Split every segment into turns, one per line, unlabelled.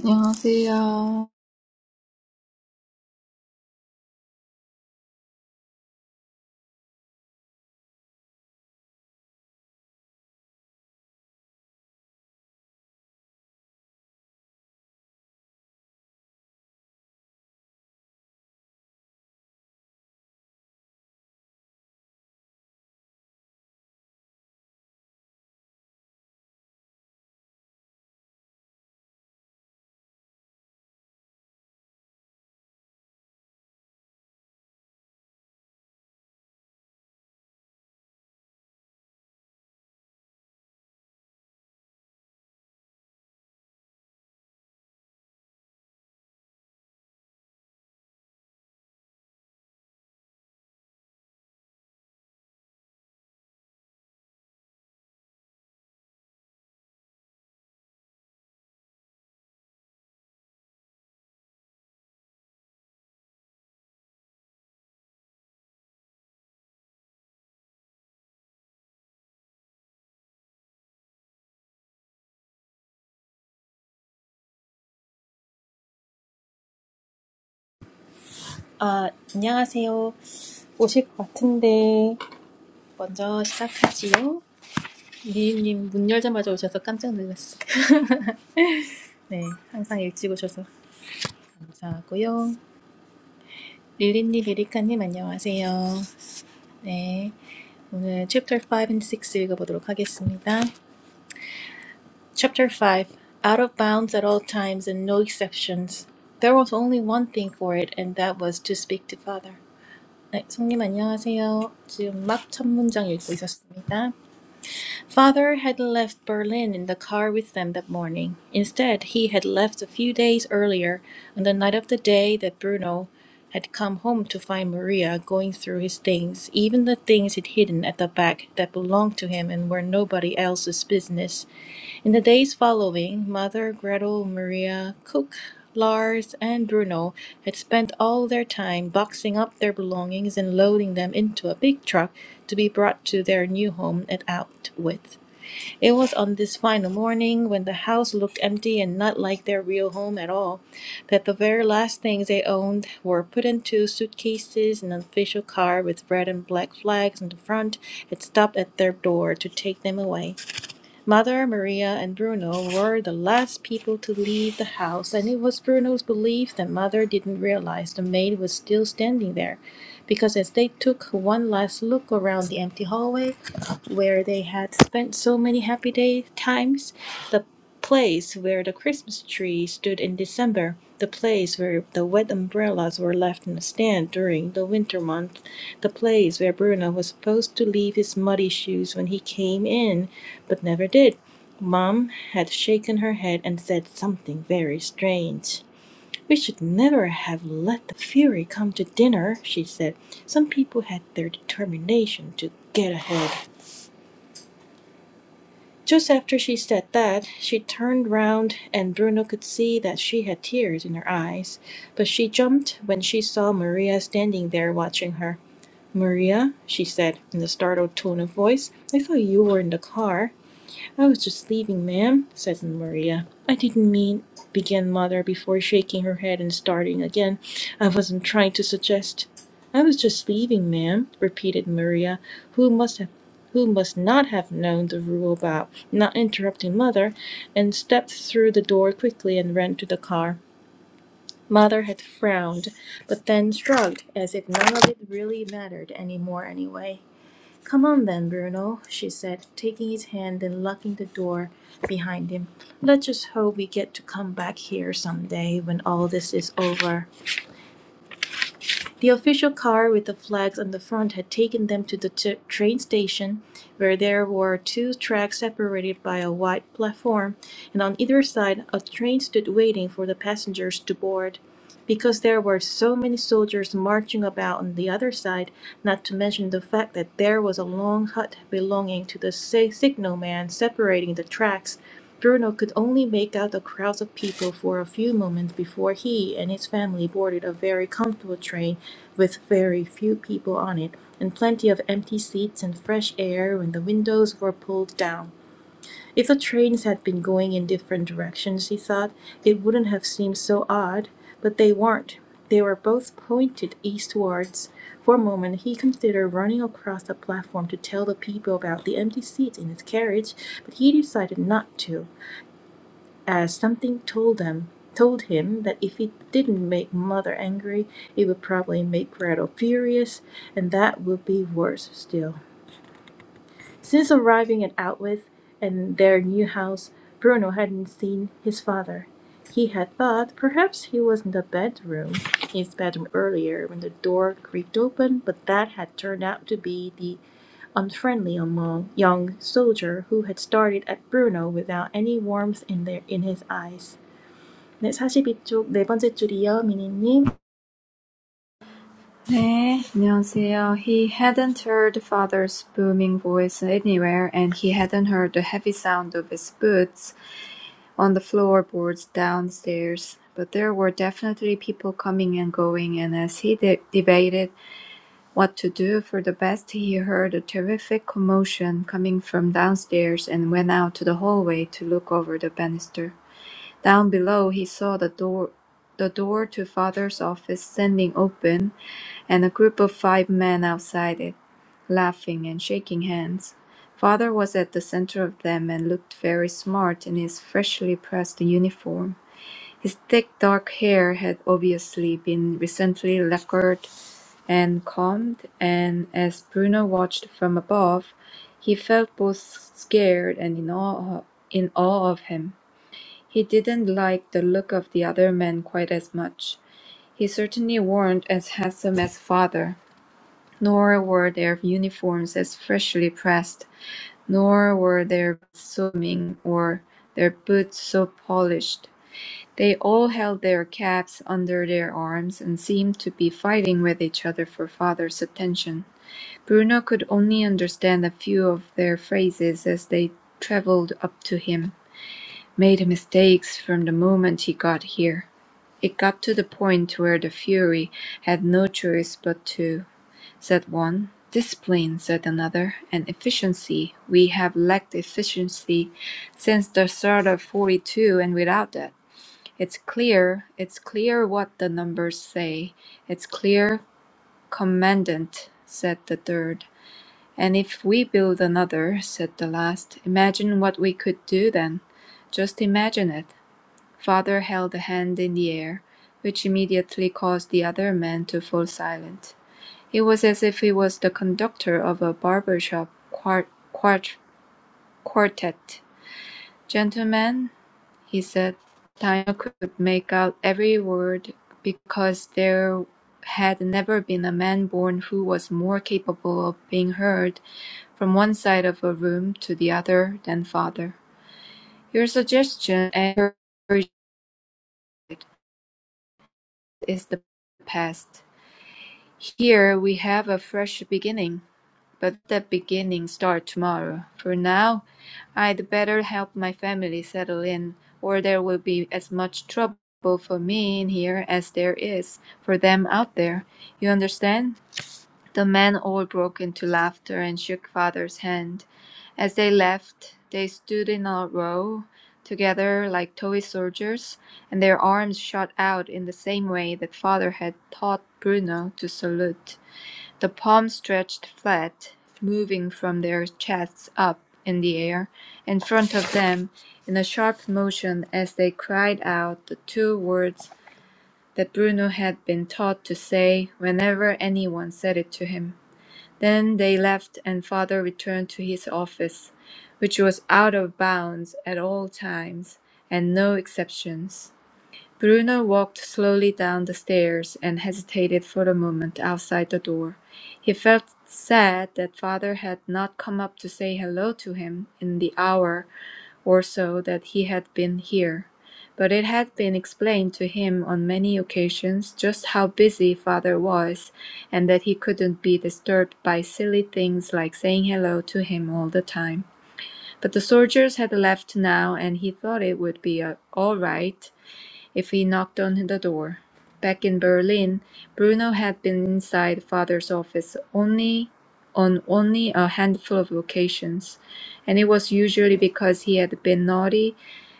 안녕하세요.
아, 안녕하세요. 오실 것 같은데 먼저 시작하지요. 미리님 문 열자마자 오셔서 깜짝 놀랐어요. 네, 항상 일찍 오셔서 감사하고요. 릴리님, 에리카님 안녕하세요. 네, 오늘 Chapter 5 and 6 읽어보도록 하겠습니다. Chapter 5 Out of bounds at all times and no exceptions. There was only one thing for it, and that was to speak to Father. 네, 성님 안녕하세요. 지금 막 첫 문장 읽고 있었습니다. Father had left Berlin in the car with them that morning. Instead, he had left a few days earlier on the night of the day that Bruno had come home to find Maria going through his things, even the things he'd hidden at the back that belonged to him and were nobody else's business. In the days following, Mother, Gretel, Maria, Cook Lars and Bruno had spent all their time boxing up their belongings and loading them into a big truck to be brought to their new home at Outwith. It was on this final morning, when the house looked empty and not like their real home at all, that the very last things they owned were put into suitcases and an official car with red and black flags on the front had stopped at their door to take them away. Mother, Maria, and Bruno were the last people to leave the house, and it was Bruno's belief that Mother didn't realize the maid was still standing there, because as they took one last look around the empty hallway where they had spent so many happy day times, the place where the Christmas tree stood in December, the place where the wet umbrellas were left in a stand during the winter month, the place where Bruno was supposed to leave his muddy shoes when he came in, but never did. Mom had shaken her head and said something very strange. We should never have let the fury come to dinner, she said. Some people had their determination to get ahead. Just after she said that, she turned round, and Bruno could see that she had tears in her eyes. But she jumped when she saw Maria standing there watching her. Maria, she said in a startled tone of voice, I thought you were in the car. "I was just leaving, ma'am," said Maria. "I didn't mean began Mother before shaking her head and starting again. "I wasn't trying to suggest "I was just leaving, ma'am," repeated Maria, who must have who must not have known the rule about not interrupting Mother, and stepped through the door quickly and ran to the car. Mother had frowned, but then shrugged, as if none of it really mattered any more anyway. Come on then, Bruno, she said, taking his hand and locking the door behind him. Let's just hope we get to come back here some day when all this is over. The official car with the flags on the front had taken them to the t- train station, where there were two tracks separated by a wide platform, and on either side a train stood waiting for the passengers to board because there were so many soldiers marching about on the other side, not to mention the fact that there was a long hut belonging to the sig- signalman separating the tracks. Bruno could only make out the crowds of people for a few moments before he and his family boarded a very comfortable train with very few people on it and plenty of empty seats and fresh air when the windows were pulled down. If the trains had been going in different directions, he thought, it wouldn't have seemed so odd, but they weren't. They were both pointed eastwards. For a moment he considered running across the platform to tell the people about the empty seats in his carriage, but he decided not to, as something told them told him that if he didn't make mother angry, it would probably make Gretel furious, and that would be worse still. Since arriving at Outwith and their new house, Bruno hadn't seen his father. He had thought perhaps he was in the bedroom, in his bedroom earlier when the door creaked open, but that had turned out to be the unfriendly young soldier who had started at Bruno without any warmth in their in his eyes. 네, 42쪽 네 번째 줄이요, 미니님.
네, 안녕하세요. He hadn't heard father's booming voice anywhere, and he hadn't heard the heavy sound of his boots on the floorboards downstairs. But there were definitely people coming and going, and as he de- debated what to do for the best, he heard a terrific commotion coming from downstairs and went out to the hallway to look over the banister. Down below he saw the door the door to father's office standing open and a group of five men outside it, laughing and shaking hands. Father was at the center of them and looked very smart in his freshly pressed uniform. His thick dark hair had obviously been recently lacquered and combed, and as Bruno watched from above, he felt both scared and in awe, in awe of him. He didn't like the look of the other man quite as much. He certainly weren't as handsome as father, nor were their uniforms as freshly pressed, nor were their swimming or their boots so polished. They all held their caps under their arms and seemed to be fighting with each other for father's attention. Bruno could only understand a few of their phrases as they traveled up to him. Made mistakes from the moment he got here. It got to the point where the Fury had no choice but to, said one. Discipline, said another, and efficiency. We have lacked efficiency since the start of 42, and without that, it's clear, it's clear what the numbers say. It's clear, Commandant, said the third. And if we build another, said the last, imagine what we could do then. Just imagine it. Father held a hand in the air, which immediately caused the other man to fall silent. It was as if he was the conductor of a barber shop quart- quart- quartet. Gentlemen, he said, Daniel could make out every word because there had never been a man born who was more capable of being heard from one side of a room to the other than father. Your suggestion and encouragement is the past. Here we have a fresh beginning, but that beginning starts tomorrow. For now, I'd better help my family settle in, or there will be as much trouble for me in here as there is for them out there. You understand? The men all broke into laughter and shook father's hand. As they left, they stood in a row together like toy soldiers, and their arms shot out in the same way that father had taught Bruno to salute. The palms stretched flat, moving from their chests up in the air in front of them in a sharp motion as they cried out the two words that Bruno had been taught to say whenever anyone said it to him. Then they left and father returned to his office, which was out of bounds at all times and no exceptions. Bruno walked slowly down the stairs and hesitated for a moment outside the door. He felt sad that father had not come up to say hello to him in the hour or so that he had been here. But it had been explained to him on many occasions just how busy father was and that he couldn't be disturbed by silly things like saying hello to him all the time. But the soldiers had left now and he thought it would be uh, all right if he knocked on the door. Back in Berlin, Bruno had been inside father's office only on only a handful of occasions, and it was usually because he had been naughty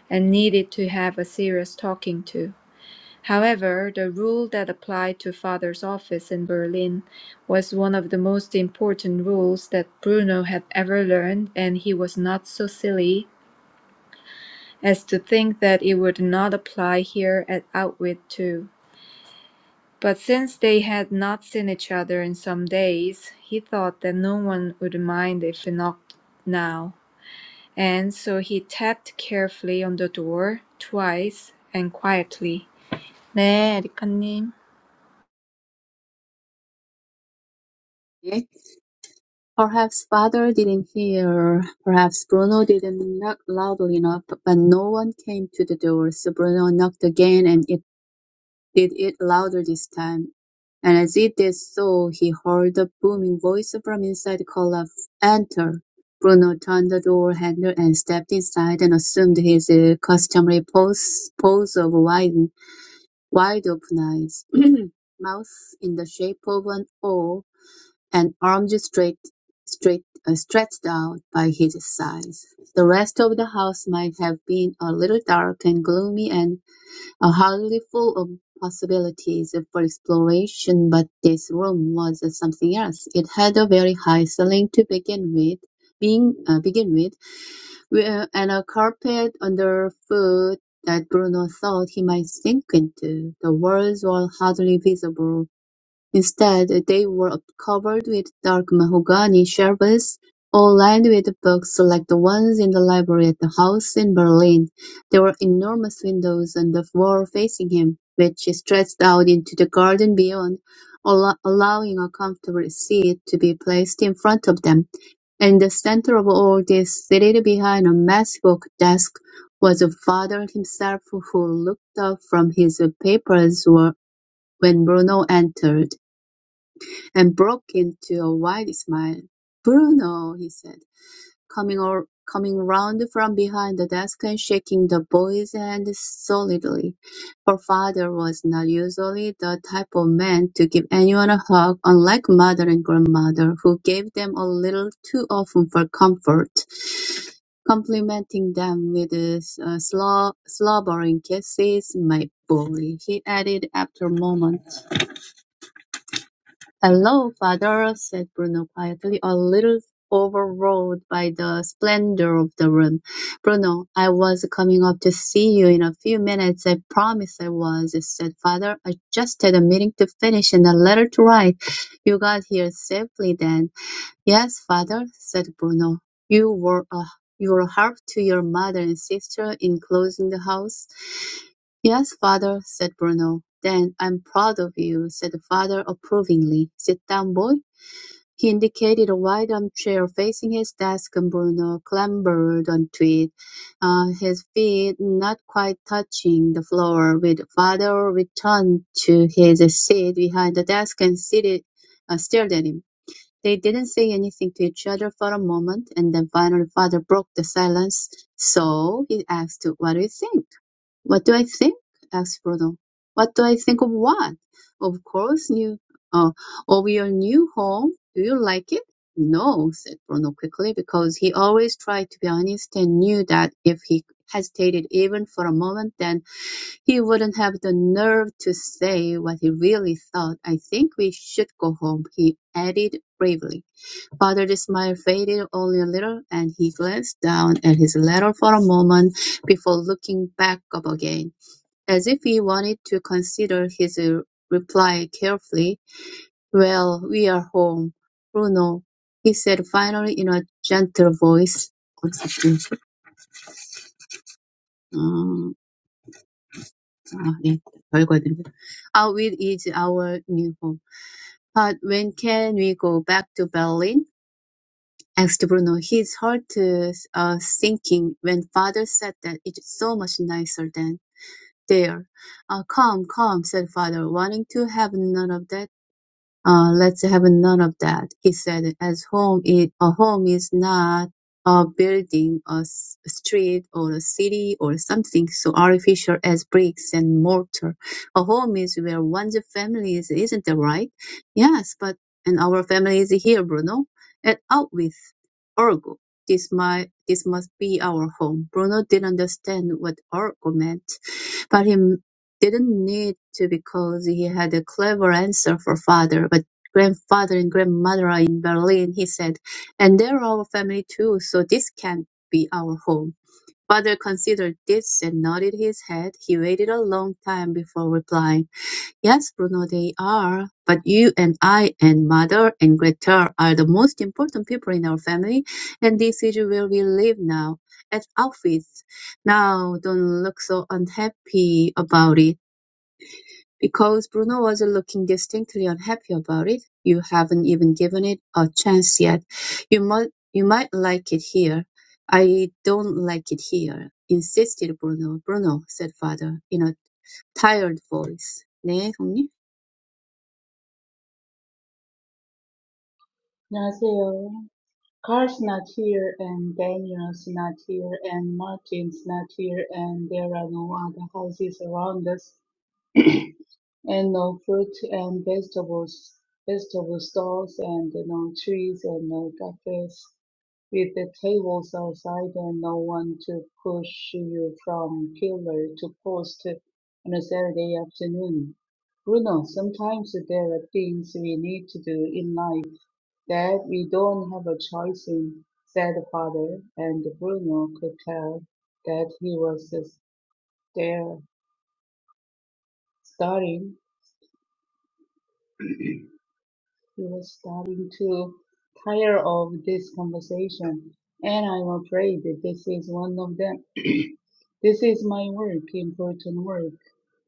and needed to have a serious talking to. However, the rule that applied to father's office in Berlin was one of the most important rules that Bruno had ever learned, and he was not so silly as to think that it would not apply here at Outwit too. But since they had not seen each other in some days, he thought that no one would mind if he knocked now, and so he tapped carefully on the door twice and quietly. 네, 에리카님.
Yet perhaps father didn't hear, perhaps Bruno didn't knock loudly enough, but no one came to the door, so Bruno knocked again and it did it louder this time. And as it did so, he heard the booming voice from inside call out, Enter! Bruno turned the door handle and stepped inside and assumed his uh, customary pose, pose of wide, wide open eyes, mouth in the shape of an O, and arms straight, straight, uh, stretched out by his sides. The rest of the house might have been a little dark and gloomy and uh, hardly full of possibilities for exploration, but this room was something else. It had a very high ceiling to begin with, being uh, begin with, where- and a carpet underfoot that Bruno thought he might sink into. The walls were hardly visible Instead, they were covered with dark mahogany shelves, all lined with books like the ones in the library at the house in Berlin. There were enormous windows on the wall facing him, which stretched out into the garden beyond, allo- allowing a comfortable seat to be placed in front of them. In the center of all this, seated behind a massive oak desk, was the father himself who looked up from his papers wh- when Bruno entered and broke into a wide smile. "Bruno," he said, coming or coming round from behind the desk and shaking the boy's hand solidly. Her father was not usually the type of man to give anyone a hug, unlike mother and grandmother, who gave them a little too often for comfort, complimenting them with uh, slob- slobbering kisses. "My boy," he added after a moment. "Hello, father," said Bruno quietly, a little overawed by the splendour of the room. "Bruno, I was coming up to see you in a few minutes. I promised I was," said father. "I just had a meeting to finish and a letter to write. You got here safely then?" "Yes, father," said Bruno. "You were a you were a help to your mother and sister in closing the house?" Yes, father, said Bruno. Then I'm proud of you, said the father approvingly. Sit down, boy. He indicated a wide armchair facing his desk and Bruno clambered onto it, uh, his feet not quite touching the floor. With father returned to his seat behind the desk and seated, uh, stared at him. They didn't say anything to each other for a moment, and then finally father broke the silence. So, he asked, what do you think? What do I think? asked Bruno. What do I think of what? Of course, new. uh, of your new home. Do you like it? No, said Bruno quickly, because he always tried to be honest and knew that if he hesitated even for a moment, then he wouldn't have the nerve to say what he really thought. I think we should go home, he added bravely. Father's smile faded only a little, and he glanced down at his letter for a moment before looking back up again as if he wanted to consider his reply carefully. "Well, we're home, Bruno," he said finally in a gentle voice. 어쨌든, 음, is our new home. But when can we go back to Berlin?" asked Bruno, his heart uh, sinking when father said that it's so much nicer than there. "Ah, come, come," said father, wanting to have none of that. Uh, let's have none of that, he said, as home is, a home is not a building, a s- a street, or a city, or something so artificial as bricks and mortar. A home is where one's family is, isn't that right? Yes, but, and our family is here, Bruno, and out with Orgo. This might, this must be our home. Bruno didn't understand what Orgo meant, but he didn't need to because he had a clever answer for father, but grandfather and grandmother are in Berlin, he said, and they're our family too, so this can't be our home. Father considered this and nodded his head. He waited a long time before replying. Yes, Bruno, they are. But you and I and mother and Greta are the most important people in our family, and this is where we live now, at Auschwitz. Now, don't look so unhappy about it. Because Bruno was looking distinctly unhappy about it. You haven't even given it a chance yet. You might, you might like it here. I don't like it here, insisted Bruno. Bruno, said father in a tired voice. 네, 형님.
안녕하세요. Carl's not here, and Daniel's not here, and Martin's not here, and there are no other houses around us, and no fruit and vegetables, vegetable stalls, and no trees, and no cafes, with the tables outside, and no one to push you from pillar to post on a Saturday afternoon. Bruno, sometimes there are things we need to do in life that we don't have a choice in, said the father, and Bruno could tell that he was there, starting, he was starting to tire of this conversation, and I'm afraid that this is one of them. This is my work, important work,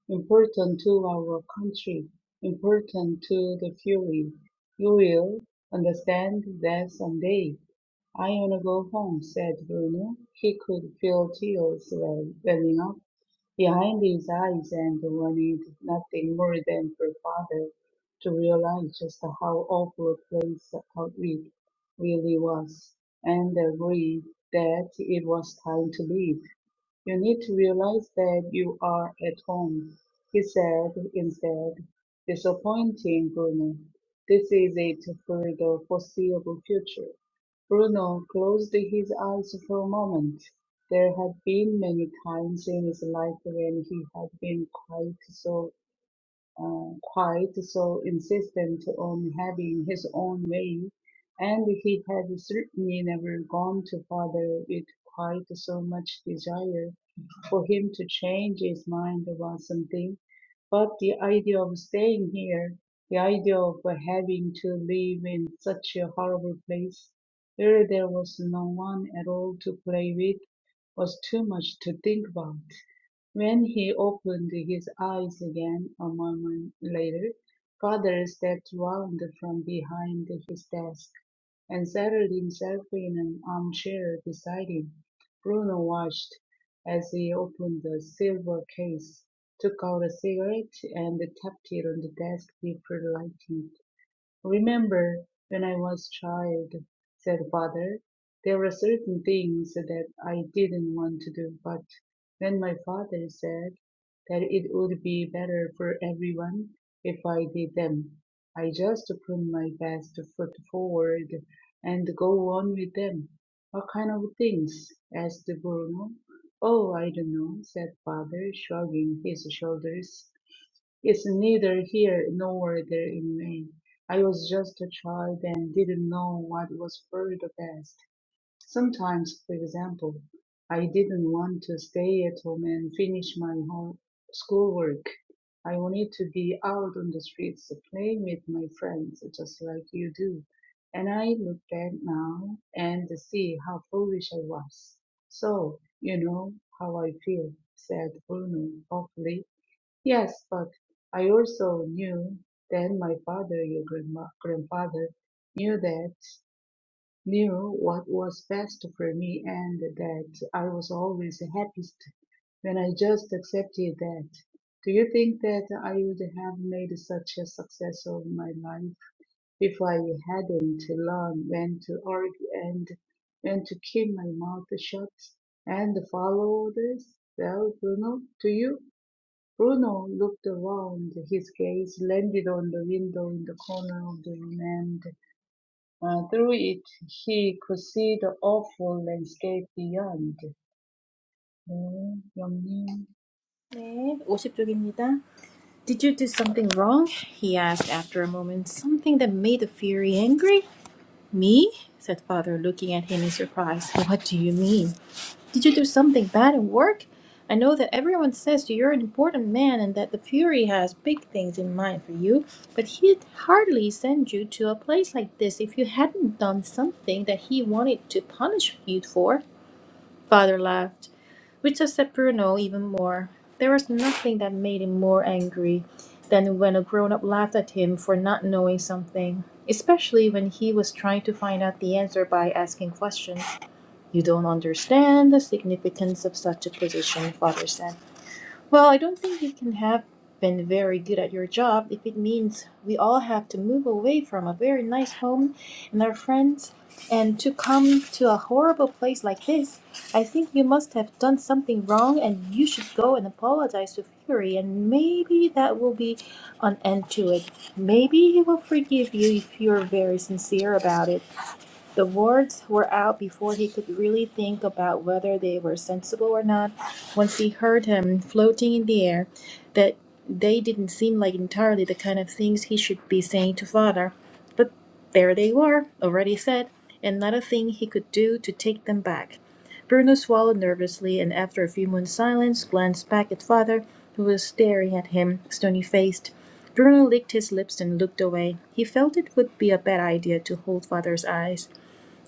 important to our country, important to the fury. You will understand that someday. I wanna go home, said Bruno. He could feel tears well- welling up behind his eyes and wanted nothing more than for father to realize just how awful a place Outreach really was and agreed that it was time to leave. You need to realize that you are at home, he said instead. Disappointing, Bruno. This is it for the foreseeable future. Bruno closed his eyes for a moment. There had been many times in his life when he had been quite so uh, quite so insistent on having his own way, and he had certainly never gone to father with quite so much desire for him to change his mind about something. But the idea of staying here, the idea of having to live in such a horrible place where there was no one at all to play with, was too much to think about. When he opened his eyes again a moment later, father stepped round from behind his desk and settled himself in an armchair beside him. Bruno watched as he opened the silver case, took out a cigarette, and tapped it on the desk before lighting. "Remember when I was a child," said Father, "there were certain things that I didn't want to do, but when my father said that it would be better for everyone if I did them, I just put my best foot forward and go on with them." "What kind of things?" asked Bruno. "Oh, I don't know," said Father, shrugging his shoulders. It's neither here nor there in Maine. I was just a child and didn't know what was for the best. Sometimes, for example, I didn't want to stay at home and finish my home schoolwork. I wanted to be out on the streets playing with my friends, just like you do. And I look back now and see how foolish I was. So, you know how I feel, said Bruno, hopefully. Yes, but I also knew then my father, your grandma, grandfather, knew that, knew what was best for me and that I was always the happiest when I just accepted that. Do you think that I would have made such a success of my life if I hadn't learned when to argue and when to keep my mouth shut and follow others? Well, Bruno, do you? Bruno looked around. His gaze landed on the window in the corner of the room, and uh, through it he could see the awful landscape beyond. Mm, yummy.
네, 50쪽입니다. Did you do something wrong? He asked after a moment. Something that made the Fury angry? Me? said father, looking at him in surprise. What do you mean? Did you do something bad at work? I know that everyone says you're an important man and that the Fury has big things in mind for you, but he'd hardly send you to a place like this if you hadn't done something that he wanted to punish you for. Father laughed which upset Bruno even more. There was nothing that made him more angry than when a grown up laughed at him for not knowing something, especially when he was trying to find out the answer by asking questions. You don't understand the significance of such a position, father said. Well, I don't think you can have been very good at your job if it means we all have to move away from a very nice home and our friends and to come to a horrible place like this. I think you must have done something wrong and you should go and apologize to Fury and maybe that will be an end to it. Maybe he will forgive you if you're very sincere about it. The wards were out before he could really think about whether they were sensible or not. Once he heard him floating in the air, that they didn't seem like entirely the kind of things he should be saying to father. But there they were, already said, and not a thing he could do to take them back. Bruno swallowed nervously and after a few moments' silence glanced back at father, who was staring at him, stony faced. Bruno licked his lips and looked away. He felt it would be a bad idea to hold father's eyes.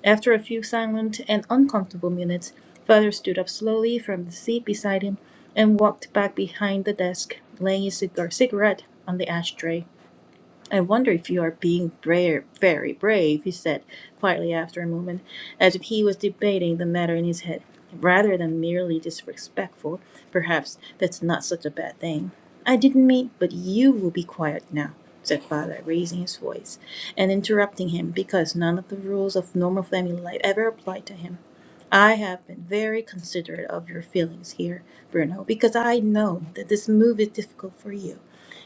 After a few silent and uncomfortable minutes, Father stood up slowly from the seat beside him and walked back behind the desk, laying his cigar cigarette on the ashtray. I wonder if you are being bra- very brave, he said quietly after a moment, as if he was debating the matter in his head. Rather than merely disrespectful, perhaps that's not such a bad thing. I didn't mean, but you will be quiet now, said father, raising his voice and interrupting him because none of the rules of normal family life ever applied to him. I have been very considerate of your feelings here, Bruno, because I know that this move is difficult for you.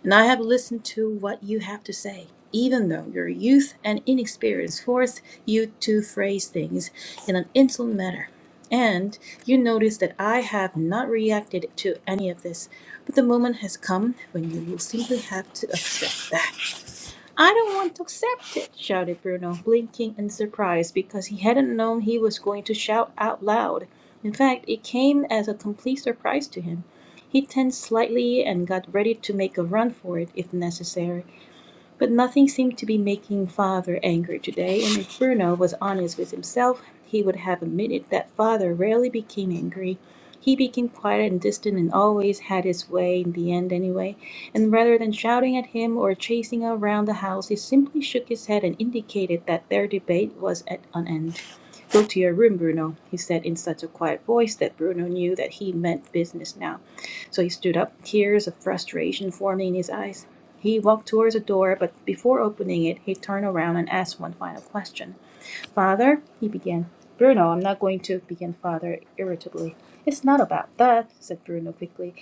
And I have listened to what you have to say. Even though your youth and inexperience force you to phrase things in an insolent manner. And you notice that I have not reacted to any of this, but the moment has come when you will simply have to accept that. I don't want to accept it, shouted Bruno, blinking in surprise because he hadn't known he was going to shout out loud. In fact, it came as a complete surprise to him. He tensed slightly and got ready to make a run for it if necessary. But nothing seemed to be making Father angry today, and if Bruno was honest with himself, he would have admitted that Father rarely became angry. He became quiet and distant and always had his way in the end anyway, and rather than shouting at him or chasing around the house, he simply shook his head and indicated that their debate was at an end. Go to your room, Bruno, he said in such a quiet voice that Bruno knew that he meant business now. So he stood up, tears of frustration forming in his eyes. He walked towards the door, but before opening it, he turned around and asked one final question. Father, he began. Bruno, I'm not going to, began Father irritably. It's not about that, said Bruno quickly.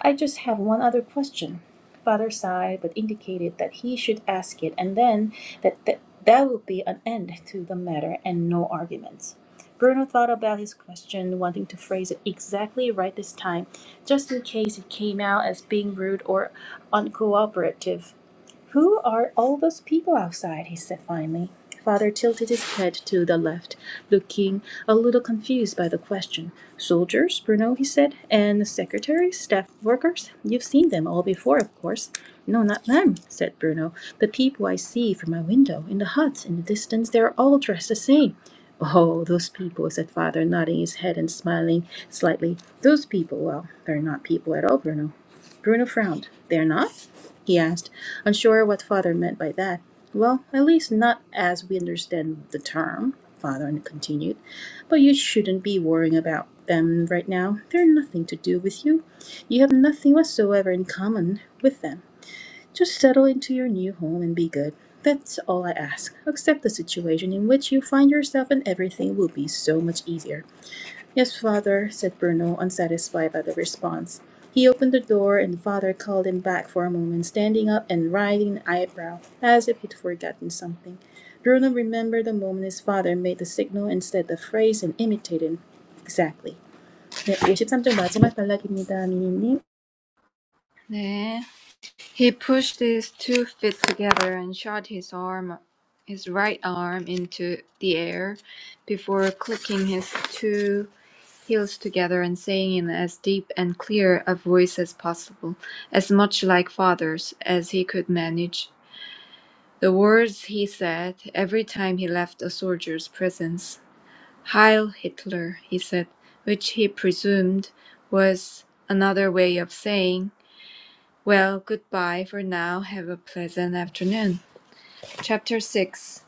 I just have one other question. Father sighed, but indicated that he should ask it, and then that th- that would be an end to the matter and no arguments. Bruno thought about his question, wanting to phrase it exactly right this time, just in case it came out as being rude or uncooperative. Who are all those people outside? he said finally. Father tilted his head to the left, looking a little confused by the question. Soldiers, Bruno, he said, and secretaries, staff workers. You've seen them all before, of course. No, not them, said Bruno. The people I see from my window, in the huts, in the distance, they're all dressed the same. Oh, those people, said father, nodding his head and smiling slightly. Those people, well, they're not people at all, Bruno. Bruno frowned. They're not? he asked, unsure what father meant by that. Well, at least not as we understand the term, father continued. But you shouldn't be worrying about them right now. They're nothing to do with you. You have nothing whatsoever in common with them. Just settle into your new home and be good. That's all I ask. Accept the situation in which you find yourself, and everything will be so much easier. Yes, father, said Bruno, unsatisfied by the response. He opened the door, and the father called him back for a moment, standing up and raising an eyebrow, as if he'd forgotten something. Bruno remembered the moment his father made the signal instead the phrase and imitated exactly. 네, 53쪽 마지막 단락입니다, 미니님.
네. He pushed his two feet together and shot his arm, his right arm into the air before clicking his two heels together and saying in as deep and clear a voice as possible, as much like father's as he could manage. The words he said every time he left a soldier's presence. Heil Hitler, he said, which he presumed was another way of saying well, goodbye for now. Have a pleasant afternoon. Chapter 6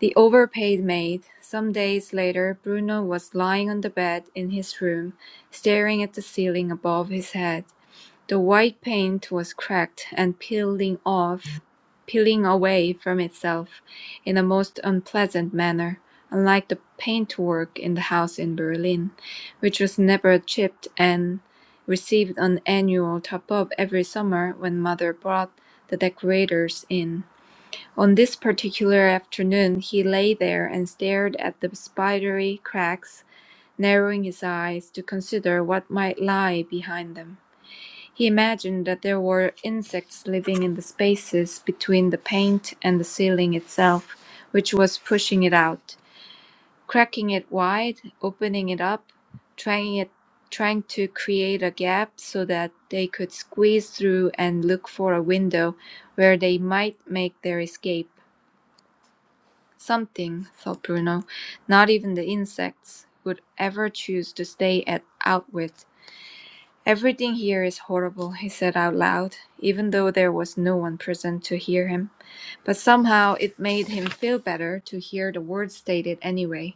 The Overpaid Maid. Some days later, Bruno was lying on the bed in his room, staring at the ceiling above his head. The white paint was cracked and peeling off, peeling away from itself in a most unpleasant manner, unlike the paintwork in the house in Berlin, which was never chipped and received an annual top-up every summer when mother brought the decorators in. On this particular afternoon he lay there and stared at the spidery cracks narrowing his eyes to consider what might lie behind them. He imagined that there were insects living in the spaces between the paint and the ceiling itself, which was pushing it out, cracking it wide, opening it up, trying it trying to create a gap so that they could squeeze through and look for a window where they might make their escape. Something, thought Bruno, not even the insects would ever choose to stay at Outwit. Everything here is horrible, he said out loud, even though there was no one present to hear him. But somehow it made him feel better to hear the words stated anyway.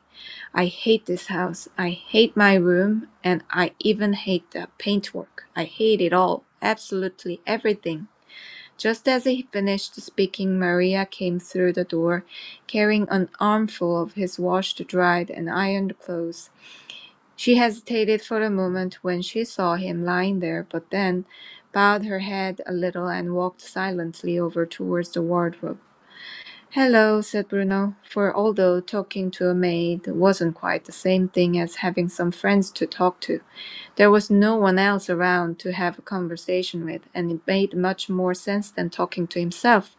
I hate this house. I hate my room. And I even hate the paintwork. I hate it all. Absolutely everything. Just as he finished speaking, Maria came through the door, carrying an armful of his washed, dried, and ironed clothes. She hesitated for a moment when she saw him lying there, but then bowed her head a little and walked silently over towards the wardrobe. Hello, said Bruno, for although talking to a maid wasn't quite the same thing as having some friends to talk to, there was no one else around to have a conversation with, and it made much more sense than talking to himself.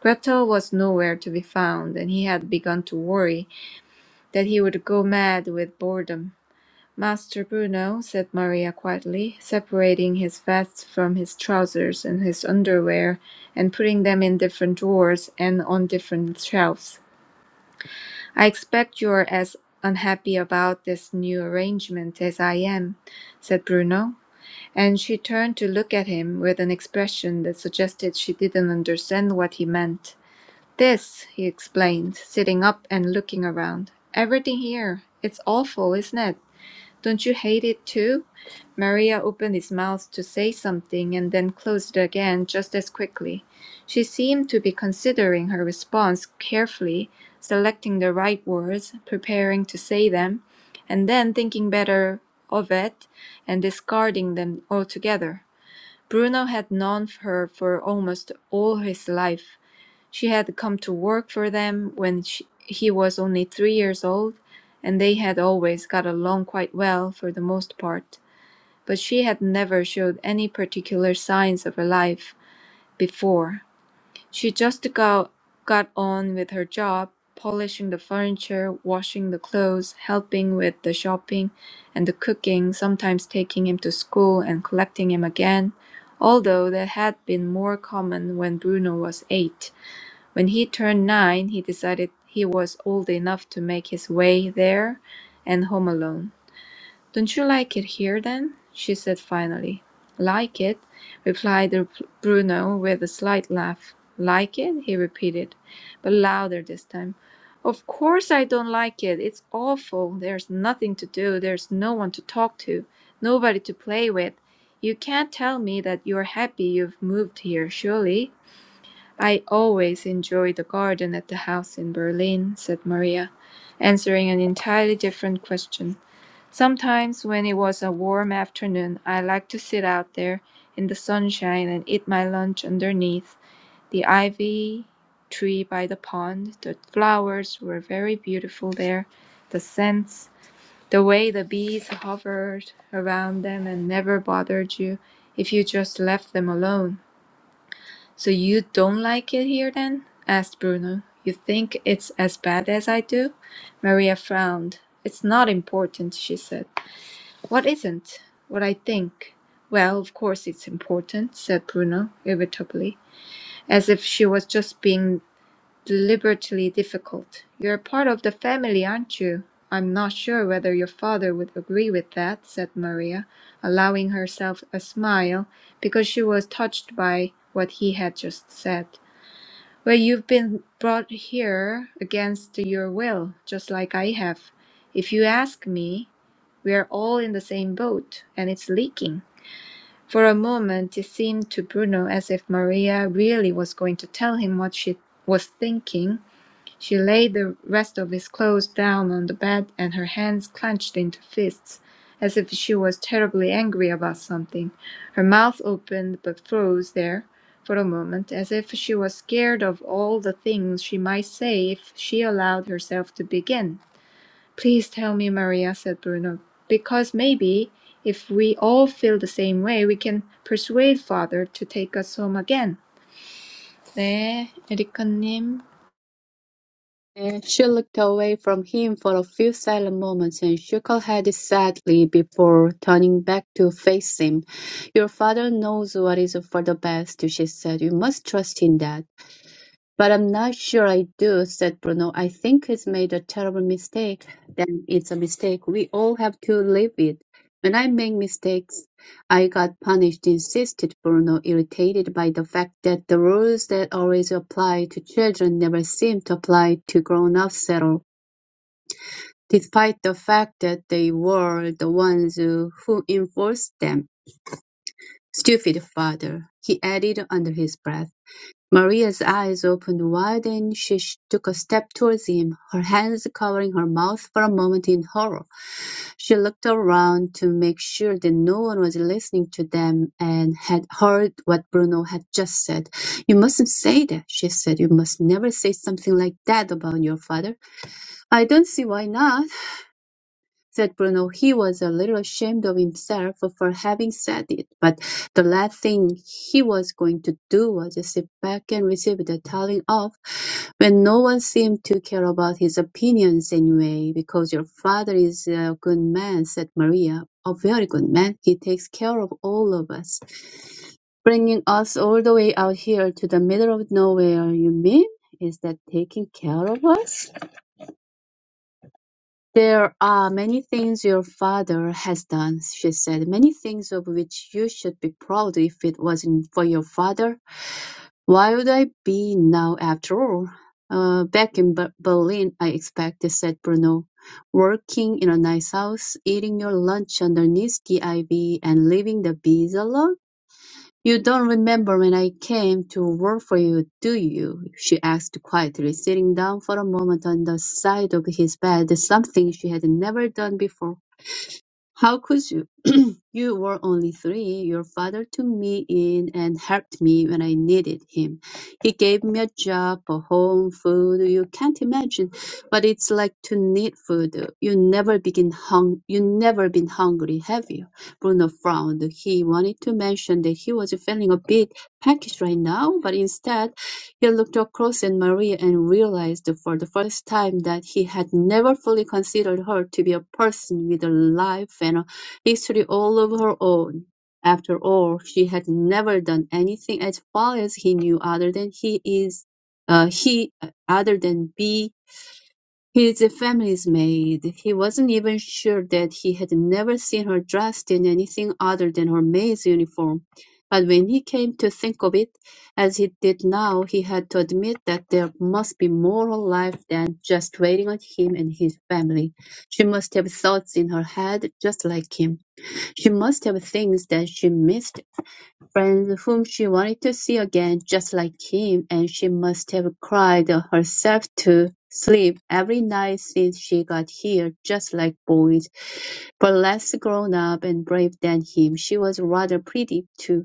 Gretel was nowhere to be found, and he had begun to worry that he would go mad with boredom. Master Bruno, said Maria quietly, separating his vest from his trousers and his underwear, and putting them in different drawers and on different shelves, I expect you are as unhappy about this new arrangement as I am, said Bruno, and she turned to look at him with an expression that suggested she didn't understand what he meant. "This," he explained, sitting up and looking around. "Everything here. It's awful, isn't it? Don't you hate it, too?" Maria opened his mouth to say something and then closed it again just as quickly. She seemed to be considering her response carefully, selecting the right words, preparing to say them, and then thinking better of it and discarding them altogether. Bruno had known her for almost all his life. She had come to work for them when she, he was only three years old, and they had always got along quite well for the most part, but she had never showed any particular signs of her life before. She just got, got on with her job, polishing the furniture, washing the clothes, helping with the shopping and the cooking, sometimes taking him to school and collecting him again, although that had been more common when Bruno was eight. When he turned nine, he decided he was old enough to make his way there and home alone. Don't you like it here then? she said finally. Like it? replied Bruno with a slight laugh. Like it? he repeated, but louder this time. Of course I don't like it. It's awful. There's nothing to do. There's no one to talk to, nobody to play with. You can't tell me that you're happy you've moved here, surely? I always enjoy the garden at the house in Berlin, said Maria, answering an entirely different question. Sometimes, when it was a warm afternoon, I liked to sit out there in the sunshine and eat my lunch underneath the ivy tree by the pond. The flowers were very beautiful there, the scents, the way the bees hovered around them and never bothered you if you just left them alone. "So you don't like it here, then?" asked Bruno. "You think it's as bad as I do?" Maria frowned. "It's not important," she said. "What isn't?" "What I think." "Well, of course it's important," said Bruno irritably, as if she was just being deliberately difficult. "You're part of the family, aren't you?" "I'm not sure whether your father would agree with that," said Maria, allowing herself a smile because she was touched by what he had just said. Well, you've been brought here against your will, just like I have. If you ask me, we are all in the same boat, and it's leaking. For a moment, it seemed to Bruno as if Maria really was going to tell him what she was thinking, she laid the rest of his clothes down on the bed and her hands clenched into fists, as if she was terribly angry about something. Her mouth opened but froze there for a moment, as if she was scared of all the things she might say if she allowed herself to begin. Please tell me, Maria, said Bruno, because maybe if we all feel the same way, we can persuade father to take us home again. 네, 에리카님.
And she looked away from him for a few silent moments and shook her head sadly before turning back to face him. Your father knows what is for the best, she said. You must trust in that. "But I'm not sure I do," said Bruno. "I think he's made a terrible mistake." "Then it's a mistake. We all have to live with. When I make mistakes, I got punished," insisted Bruno, irritated by the fact that the rules that always apply to children never seemed to apply to grown-ups at all, despite the fact that they were the ones who who enforced them. "Stupid father," he added under his breath. Maria's eyes opened wide and she took a step towards him, her hands covering her mouth for a moment in horror. She looked around to make sure that no one was listening to them and had heard what Bruno had just said. You mustn't say that, she said. You must never say something like that about your father. I don't see why not, said Bruno. He was a little ashamed of himself for having said it, but the last thing he was going to do was sit back and receive the telling off when no one seemed to care about his opinions anyway, because your father is a good man, said Maria. A very good man. He takes care of all of us. Bringing us all the way out here to the middle of nowhere, you mean? Is that taking care of us? There are many things your father has done, she said, many things of which you should be proud if it wasn't for your father. Why would I be now after all? Uh, back in Ber- Berlin, I expect, said Bruno, working in a nice house, eating your lunch underneath the ivy and leaving the bees alone? You don't remember when I came to work for you, do you? she asked quietly, sitting down for a moment on the side of his bed, something she had never done before. How could you? You were only three. Your father took me in and helped me when I needed him. He gave me a job, a home, food. You can't imagine what it's like to need food. You never begin hung. You never been hungry, have you? Bruno frowned. He wanted to mention that he was feeling a bit peckish right now, but instead. He looked across at Maria and realized for the first time that he had never fully considered her to be a person with a life and a history all of her own. After all, she had never done anything as far as he knew other than he is uh, he uh, other than be his family's maid. He wasn't even sure that he had never seen her dressed in anything other than her maid's uniform. But when he came to think of it, as he did now, he had to admit that there must be more to life than just waiting on him and his family. She must have thoughts in her head just like him. She must have things that she missed friends whom she wanted to see again, just like him, and she must have cried herself to sleep every night since she got here, just like boys, but less grown up and brave than him. She was rather pretty, too.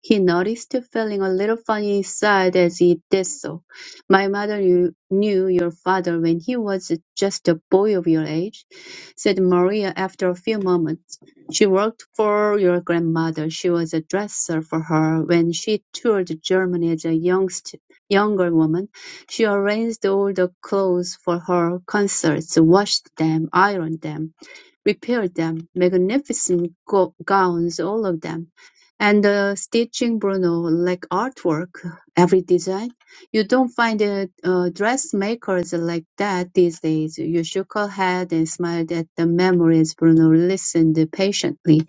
He noticed, feeling a little funny inside as he did so. My mother knew knew your father when he was just a boy of your age, said Maria after a few moments. She worked for your grandmother. She was a dresser for her when she toured Germany as a youngst, younger woman. She arranged all the clothes for her concerts, washed them, ironed them repaired them, magnificent go- gowns all of them, and uh, stitching Bruno like artwork, every design. You don't find uh, uh, dressmakers like that these days. You shook her head and smiled at the memories. Bruno listened patiently.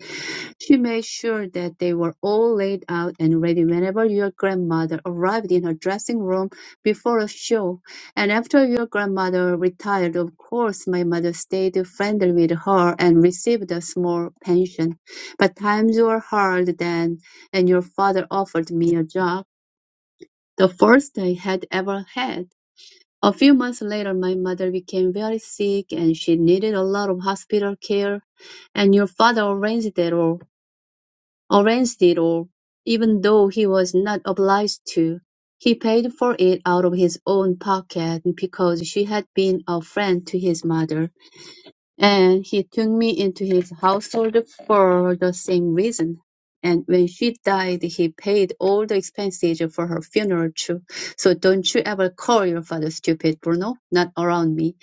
She made sure that they were all laid out and ready whenever your grandmother arrived in her dressing room before a show. And after your grandmother retired, of course, my mother stayed friendly with her and received a small pension. But times were hard then, and your father offered me a job, the first I had ever had. A few months later, my mother became very sick and she needed a lot of hospital care, and your father arranged it all. Orange did all, even though he was not obliged to. He paid for it out of his own pocket because she had been a friend to his mother, and he took me into his household for the same reason. And when she died, he paid all the expenses for her funeral too. So don't you ever call your father stupid, Bruno. Not around me.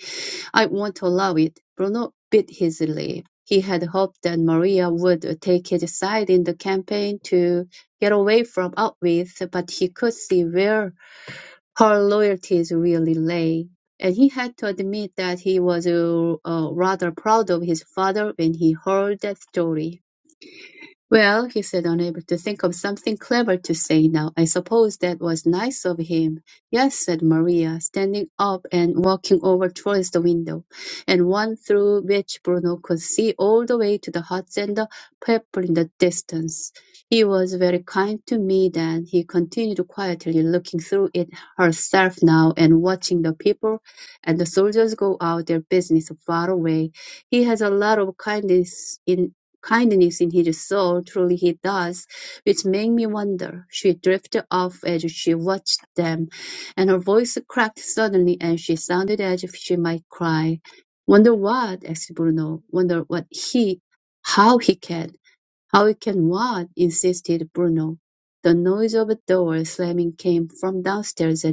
"I won't allow it," Bruno bit his lip. He had hoped that Maria would take his side in the campaign to get away from Outwith, but he could see where her loyalties really lay. And he had to admit that he was uh, uh, rather proud of his father when he heard that story. Well, he said, unable to think of something clever to say now, I suppose that was nice of him. Yes, said Maria, standing up and walking over towards the window, and one through which Bruno could see all the way to the huts and the people in the distance. He was very kind to me then, he continued quietly, looking through it herself now and watching the people and the soldiers go out their business far away. He has a lot of kindness in. Kindness in his soul, truly he does, which made me wonder. She drifted off as she watched them, and her voice cracked suddenly and she sounded as if she might cry. Wonder what? asked Bruno. Wonder what he, how he can. How he can what? insisted Bruno. The noise of a door slamming came from downstairs and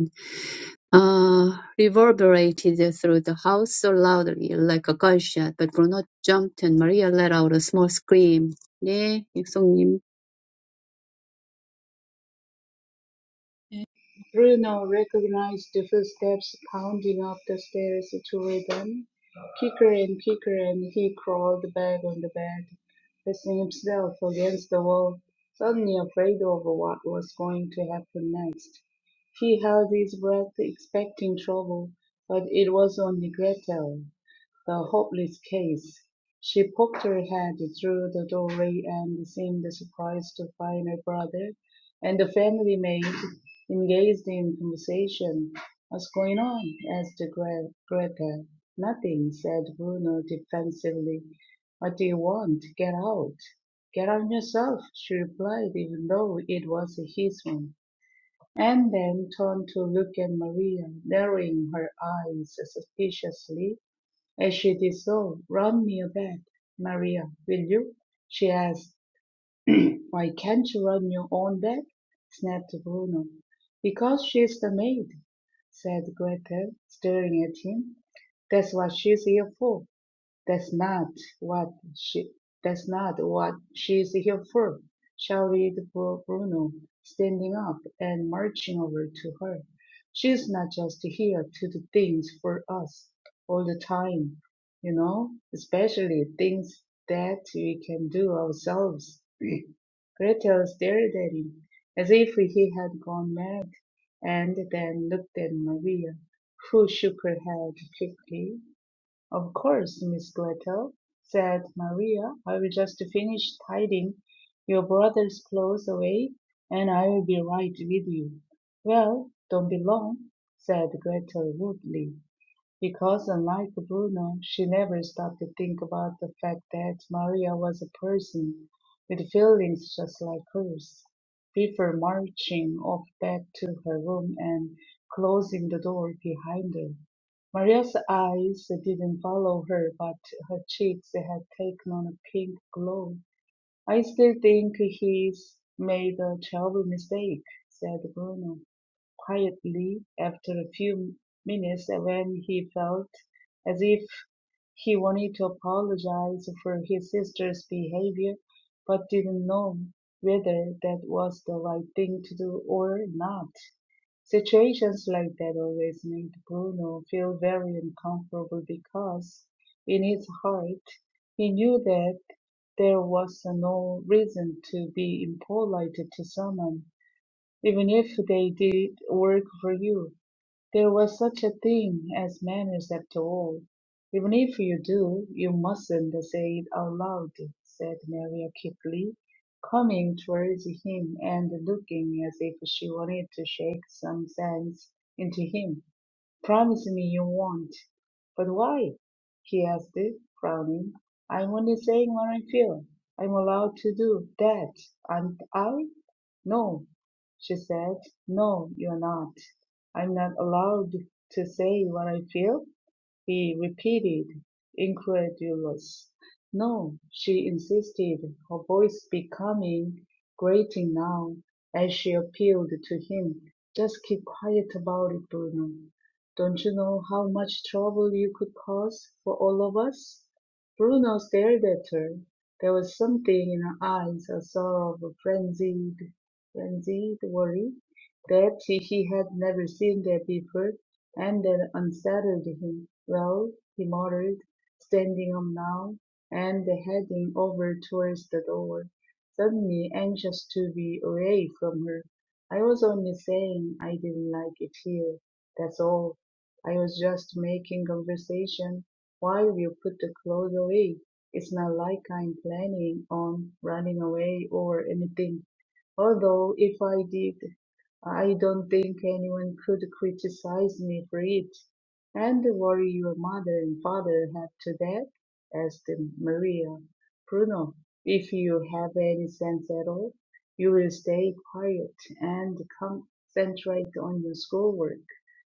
uh, reverberated through the house so loudly, like a gunshot. But Bruno jumped and Maria let out a small scream. 네, 육성님.
Bruno recognized the footsteps pounding up the stairs toward them, quicker and quicker, and he crawled back on the bed, pressing himself against the wall, suddenly afraid of what was going to happen next. He held his breath, expecting trouble, but it was only Gretel, the hopeless case. She poked her head through the doorway and seemed surprised to find her brother and the family maid engaged in conversation. What's going on? asked Gre- Gretel. Nothing, said Bruno defensively. What do you want? Get out. Get out yourself, she replied, even though it was his one and then turned to look at Maria, narrowing her eyes suspiciously as she did so. "Run me a bed, Maria, will you?" she asked. "Why can't you run your own bed? snapped Bruno. "Because she's the maid," said Gretel, staring at him. "That's what she's here for. That's not what she that's not what she's here for, shouted Bru- Bruno, standing up and marching over to her. She's not just here to do things for us all the time, you know, especially things that we can do ourselves. Gretel stared at him as if he had gone mad, and then looked at Maria, who shook her head quickly "Of course, Miss Gretel," said Maria, "I will just finish tidying your brother's clothes away, and I will be right with you." "Well, don't be long," said Gretel rudely. Because unlike Bruno, she never stopped to think about the fact that Maria was a person with feelings just like hers, before marching off back to her room and closing the door behind her. Maria's eyes didn't follow her, but her cheeks had taken on a pink glow. I still think he's made a terrible mistake, said Bruno quietly after a few minutes when he felt as if he wanted to apologize for his sister's behavior but didn't know whether that was the right thing to do or not. Situations like that always made Bruno feel very uncomfortable because in his heart he knew that there was no reason to be impolite to someone even if they did work for you, there was such a thing as manners after all. Even if you do, you mustn't say it out loud, said Maria quickly, coming towards him and looking as if she wanted to shake some sense into him. Promise me you won't. But why? he asked, frowning. I'm only saying what I feel. I'm allowed to do that, aren't I? No, she said. No, you're not. I'm not allowed to say what I feel he repeated, incredulous. No, she insisted, her voice becoming grating now as she appealed to him. Just keep quiet about it, Bruno. Don't you know how much trouble you could cause for all of us? Bruno stared at her. There was something in her eyes, a sort of frenzied, frenzied worry that he had never seen there before and that unsettled him. Well, he muttered, standing up now and heading over towards the door, suddenly anxious to be away from her. I was only saying I didn't like it here, that's all. I was just making conversation while you put the clothes away. It's not like I'm planning on running away or anything although if I did I don't think anyone could criticize me for it. And the worry your mother and father have to that? asked Maria. Bruno, if you have any sense at all, you will stay quiet and concentrate on your schoolwork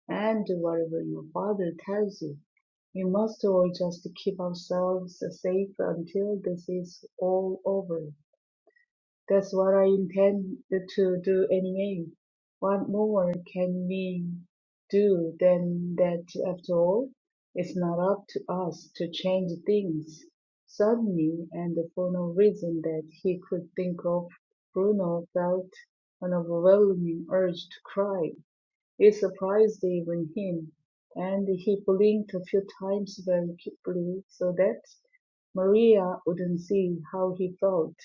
and whatever your father tells you. We must all just keep ourselves safe until this is all over. That's what I intend to do anyway. What more can we do than that after all? It's not up to us to change things. Suddenly, and for no reason that he could think of, Bruno felt an overwhelming urge to cry. It surprised even him, and he blinked a few times very quickly so that Maria wouldn't see how he felt.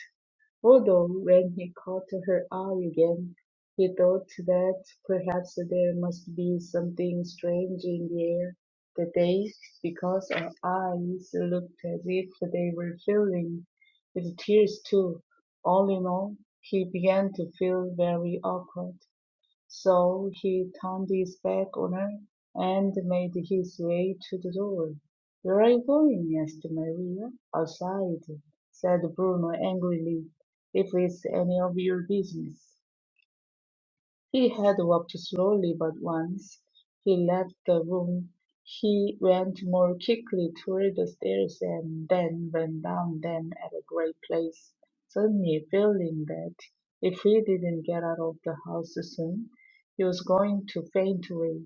Although when he caught her eye again, he thought that perhaps there must be something strange in the air that day, because her eyes looked as if they were filling with tears too. All in all, he began to feel very awkward. So he turned his back on her and made his way to the door. "Where are you going?" asked Maria. "Outside," said Bruno angrily, "if it's any of your business." He had walked slowly, but once he left the room he went more quickly toward the stairs and then went down them at a great pace, suddenly feeling that if he didn't get out of the house soon, he was going to faint away.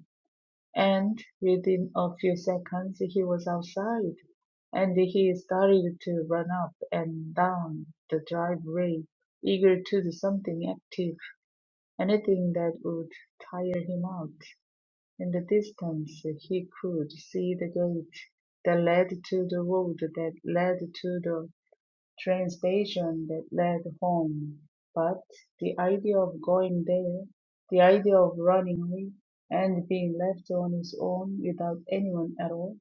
And within a few seconds he was outside, and he started to run up and down the driveway, eager to do something active. Anything that would tire him out. In the distance he could see the gate that led to the road that led to the train station that led home. But the idea of going there, the idea of running away and being left on his own without anyone at all,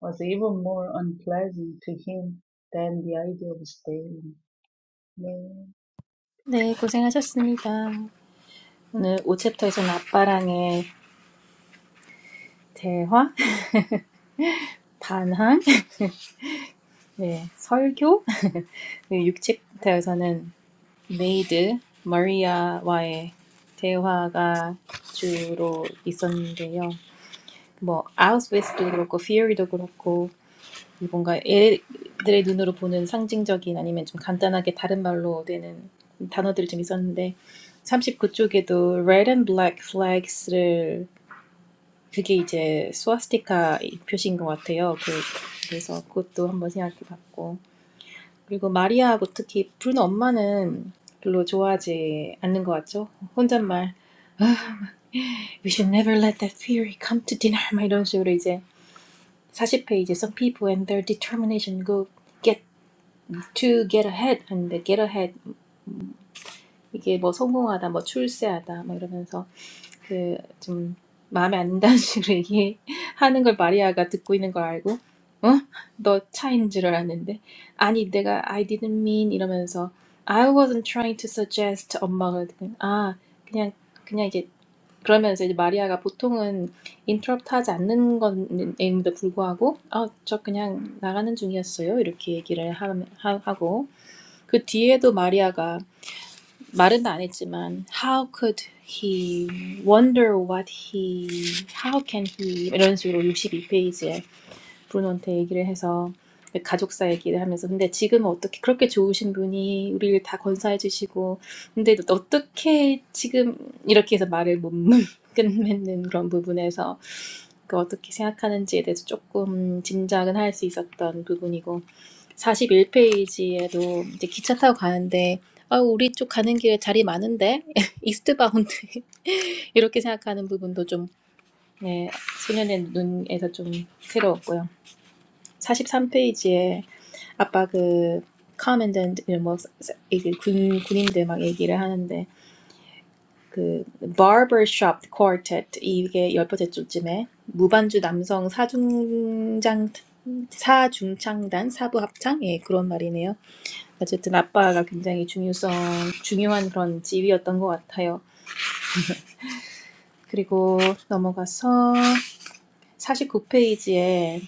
was even more unpleasant to him than the idea of staying. 네,
네, 고생하셨습니다. 오늘 5챕터에서는 아빠랑의 대화, 반항, 네, 설교, 6챕터에서는 메이드 마리아와의 대화가 주로 있었는데요. 뭐 아웃웨스도 그렇고 피어리도 그렇고 뭔가 애들의 눈으로 보는 상징적인 아니면 좀 간단하게 다른 말로 되는 단어들이 좀 있었는데 39쪽에도 red and black flags를 그게 이제 스와스티카 표시인 것 같아요. 그, 그래서 그것도 한번 생각해 봤고 그리고 마리아하고 특히 브루노 엄마는 별로 좋아하지 않는 것 같죠? 혼잣말 We should never let that fury come to dinner 막 이런 식으로 이제 40페이지 Some people and their determination go get to get ahead and get ahead 이게 뭐 성공하다 뭐 출세하다 막 이러면서 그 좀 마음에 안 든다는 식으로 얘기하는 걸 마리아가 듣고 있는 걸 알고 어? 너 차인 줄 알았는데 아니 내가 I didn't mean 이러면서 I wasn't trying to suggest 엄마가 그냥 아 그냥 그냥 이제 그러면서 이제 마리아가 보통은 인터럽트 하지 않는 건에도 불구하고 아저 그냥 나가는 중이었어요 이렇게 얘기를 하, 하- 하고 그 뒤에도 마리아가 말은 안 했지만 how could he wonder what he how can he 이런 식으로 육십이 페이지에 브루노한테 얘기를 해서 가족사 얘기를 하면서 근데 지금은 어떻게 그렇게 좋으신 분이 우리를 다 건사해 주시고 근데 어떻게 지금 이렇게 해서 말을 못 끝맺는 그런 부분에서 그 어떻게 생각하는지에 대해서 조금 짐작은 할 수 있었던 부분이고 사십일 페이지에도 이제 기차 타고 가는데 아, 우리 쪽 가는 길에 자리 많은데 이스트바운드 이렇게 생각하는 부분도 좀 네, 소년의 눈에서 좀 새로웠고요. 사십삼 페이지에 아빠 그 커맨던트 뭐 이게 군 군인들 막 얘기를 하는데 그 barbershop quartet 이게 열번째 줄쯤에 무반주 남성 사중장 사중창단 사부 합창 예 그런 말이네요. 어쨌든 아빠가 굉장히 중요성 중요한 그런 지위였던 것 같아요. 그리고 넘어가서 사십구 페이지에.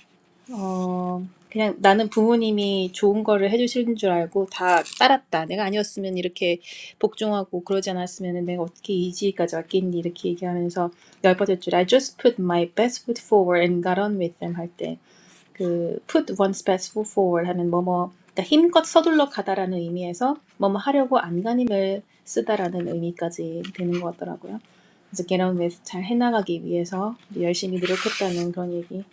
어, 그냥 나는 부모님이 좋은 거를 해주시는 줄 알고 다 따랐다. 내가 아니었으면 이렇게 복종하고 그러지 않았으면 내가 어떻게 이 지위까지 왔겠니? 이렇게 얘기하면서 열받을 줄. I just put my best foot forward and got on with them 할 때, 그 put one's best foot forward 하는 뭐뭐, 그러니까 힘껏 서둘러 가다라는 의미에서 뭐뭐 하려고 안간힘을 쓰다라는 의미까지 되는 것 같더라고요. 그래서 get on with 잘 해나가기 위해서 열심히 노력했다는 그런 얘기.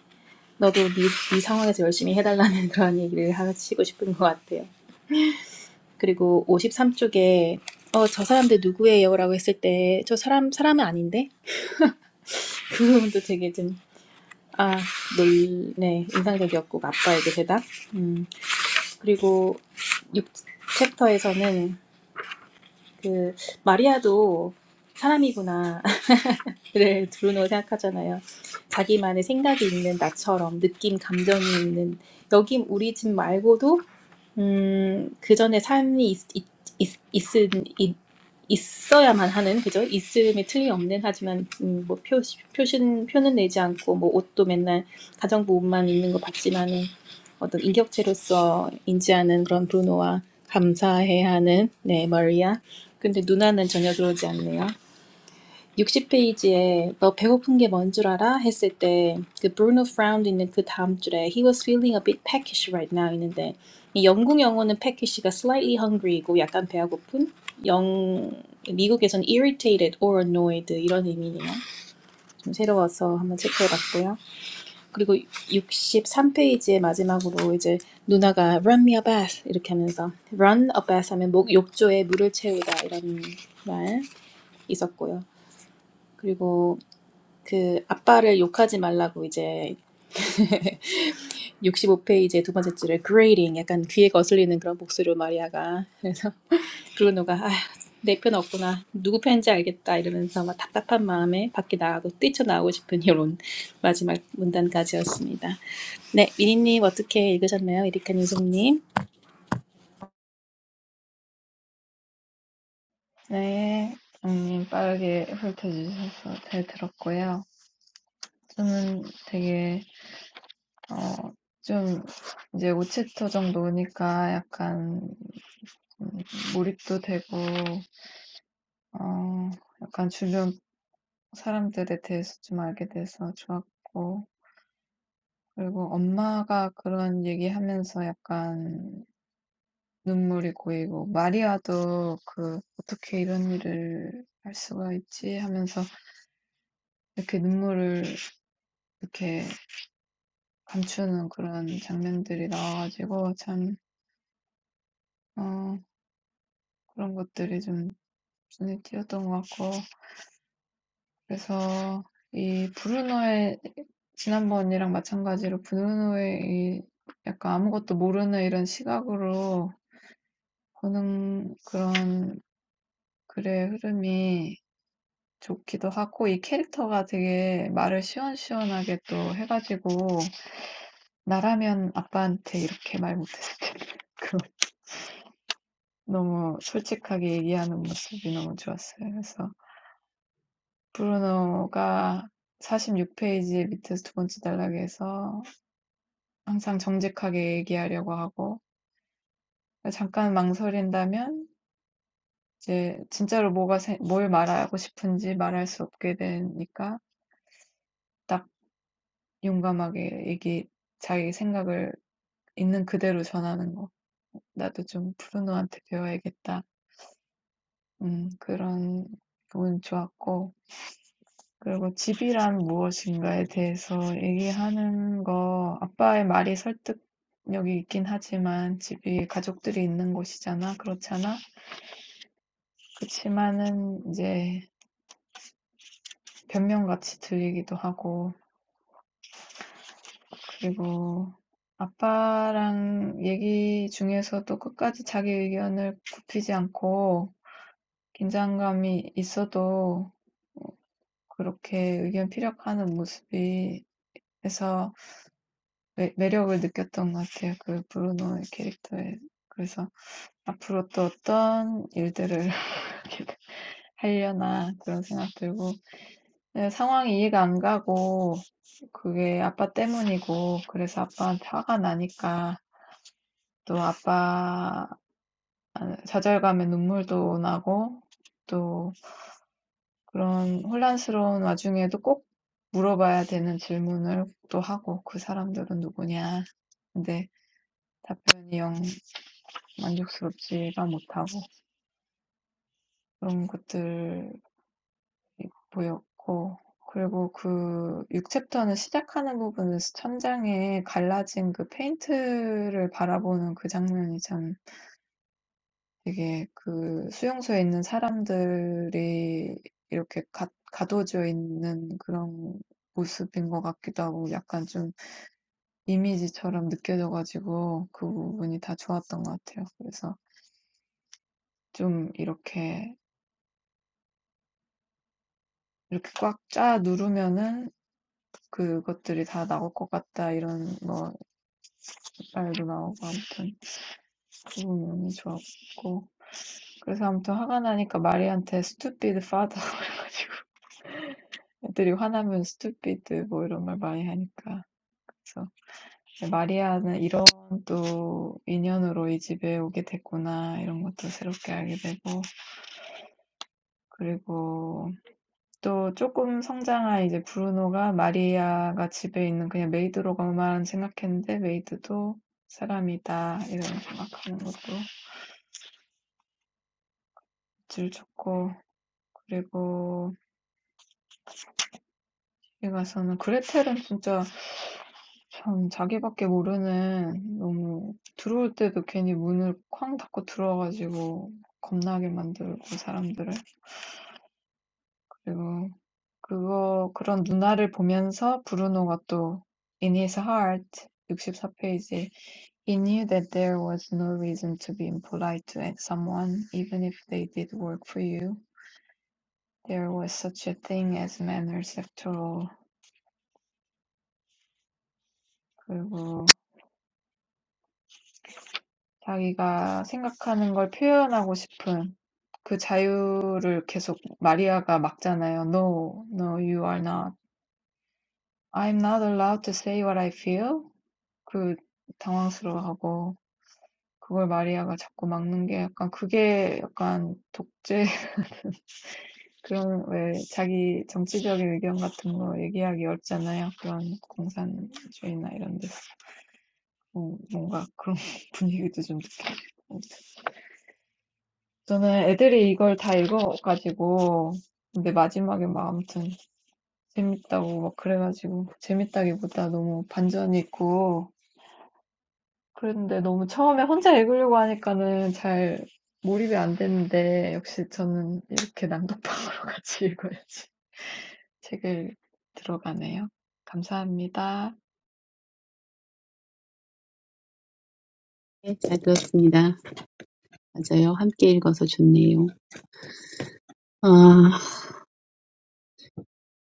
너도 네, 네 상황에서 열심히 해달라는 그런 얘기를 하시고 싶은 것 같아요. 그리고 오십삼 쪽에 어, 저 사람들 누구예요? 라고 했을 때 저 사람, 사람은 아닌데? 그 부분도 되게 좀 아, 놀, 네, 인상적이었고 아빠에게 대답. 음, 그리고 육 챕터에서는 그 마리아도 사람이구나 를 브루노 생각하잖아요. 자기만의 생각이 있는 나처럼 느낌, 감정이 있는 여긴 우리 집 말고도 음, 그 전에 삶이 있, 있, 있, 있은, 있, 있어야만 하는, 그죠? 있음이 틀림없는, 하지만, 음, 뭐, 표, 표신, 표는 내지 않고, 뭐, 옷도 맨날 가정부 옷만 입는 거 봤지만은, 어떤 인격체로서 인지하는 그런 브루노와 감사해야 하는, 네, 머리야. 근데 누나는 전혀 그러지 않네요. 60페이지에 너 배고픈 게 뭔 줄 알아? 했을 때 그 Bruno frowned 있는 그 다음 줄에 he was feeling a bit peckish right now 있는데 이 영국 영어는 peckish가 slightly hungry이고 약간 배가 고픈 영 미국에선 irritated or annoyed 이런 의미네요. 좀 새로워서 한번 체크해봤고요. 그리고 63페이지의 마지막으로 이제 누나가 run me a bath 이렇게 하면서 run a bath 하면 목 욕조에 물을 채우다 이런 말 있었고요. 그리고 그 아빠를 욕하지 말라고 이제 65페이지의 두 번째 줄에 grading 약간 귀에 거슬리는 그런 목소리로 마리아가 그래서 브루노가 아휴 내 편 없구나 누구 편인지 알겠다 이러면서 막 답답한 마음에 밖에 나가고 뛰쳐나오고 싶은 이런 마지막 문단까지였습니다. 네 미니님 어떻게 읽으셨나요? 에리카님 송님
네, 장님 빠르게 훑어주셔서 잘 들었고요. 저는 되게, 어, 좀, 이제 5챕터 정도 오니까 약간, 몰입도 되고, 어, 약간 주변 사람들에 대해서 좀 알게 돼서 좋았고, 그리고 엄마가 그런 얘기하면서 약간 눈물이 고이고, 마리아도 그, 어떻게 이런 일을 할 수가 있지 하면서 이렇게 눈물을 이렇게 감추는 그런 장면들이 나와가지고 참 어 그런 것들이 좀 눈에 띄었던 것 같고 그래서 이 브루노의 지난번이랑 마찬가지로 브루노의 이 약간 아무것도 모르는 이런 시각으로 보는 그런 글의 흐름이 좋기도 하고 이 캐릭터가 되게 말을 시원시원하게 또 해가지고 나라면 아빠한테 이렇게 말 못했을 텐데 그 너무 솔직하게 얘기하는 모습이 너무 좋았어요. 그래서 브루노가 46 페이지 밑에서 두 번째 단락에서 항상 정직하게 얘기하려고 하고 잠깐 망설인다면 이제 진짜로 뭐가 생- 뭘 말하고 싶은지 말할 수 없게 되니까 딱 용감하게 얘기 자기 생각을 있는 그대로 전하는 거. 나도 좀 브루노한테 배워야겠다. 음, 그런 부분 좋았고 그리고 집이란 무엇인가에 대해서 얘기하는 거 아빠의 말이 설득력이 있긴 하지만 집이 가족들이 있는 곳이잖아. 그렇잖아. 그치만은 이제 변명같이 들리기도 하고 그리고 아빠랑 얘기 중에서도 끝까지 자기 의견을 굽히지 않고 긴장감이 있어도 그렇게 의견 피력하는 모습이 해서 매, 매력을 느꼈던 것 같아요. 그 브루노의 캐릭터에. 그래서 앞으로 또 어떤 일들을 이렇게 하려나 그런 생각 들고 네, 상황이 이해가 안 가고 그게 아빠 때문이고 그래서 아빠한테 화가 나니까 또 아빠 좌절감에 눈물도 나고 또 그런 혼란스러운 와중에도 꼭 물어봐야 되는 질문을 또 하고 그 사람들은 누구냐 근데 답변이 영 만족스럽지가 못하고 그런 것들이 보였고 그리고 그 육 챕터는 시작하는 부분에서 천장에 갈라진 그 페인트를 바라보는 그 장면이 참 되게 그 수용소에 있는 사람들이 이렇게 가 가둬져 있는 그런 모습인 것 같기도 하고 약간 좀 이미지처럼 느껴져가지고 그 부분이 다 좋았던 것 같아요. 그래서 좀 이렇게, 이렇게 꽉 짜 누르면은 그것들이 다 나올 것 같다 이런 뭐 말도 나오고 아무튼 그 부분이 좋았고 그래서 아무튼 화가 나니까 마리한테 stupid father 그래가지고 애들이 화나면 stupid 뭐 이런 말 많이 하니까 그래서 마리아는 이런 또 인연으로 이 집에 오게 됐구나 이런 것도 새롭게 알게 되고 그리고 또 조금 성장한 이제 브루노가 마리아가 집에 있는 그냥 메이드로만 생각했는데 메이드도 사람이다 이런 생각하는 것도 질 좋고 그리고 뒤에 가서는 그레텔은 진짜 참 자기밖에 모르는 너무 들어올 때도 괜히 문을 쾅 닫고 들어와 겁나게 만들고 사람들을 그리고 그거 그런 누나를 보면서 브루노가 또 In His Heart 64 페이지 He knew that there was no reason to be impolite to someone, even if they did work for you. There was such a thing as manners after all. 그리고 자기가 생각하는 걸 표현하고 싶은 그 자유를 계속 마리아가 막잖아요. No, no, you are not. I'm not allowed to say what I feel. 그 당황스러워하고 그걸 마리아가 자꾸 막는 게 약간 그게 약간 독재. 그런 왜 자기 정치적인 의견 같은 거 얘기하기 어렵잖아요. 그런 공산주의나 이런 데서 음, 뭔가 그런 분위기도 좀 느껴요. 저는 애들이 이걸 다 읽어가지고 근데 마지막에 막 아무튼 재밌다고 막 그래가지고 재밌다기보다 너무 반전이 있고 그랬는데 너무 처음에 혼자 읽으려고 하니까는 잘 몰입이 안 되는데 역시 저는 이렇게 낭독방으로 같이 읽어야지. 책을 들어가네요. 감사합니다.
네, 잘 들었습니다. 맞아요. 함께 읽어서 좋네요. 아,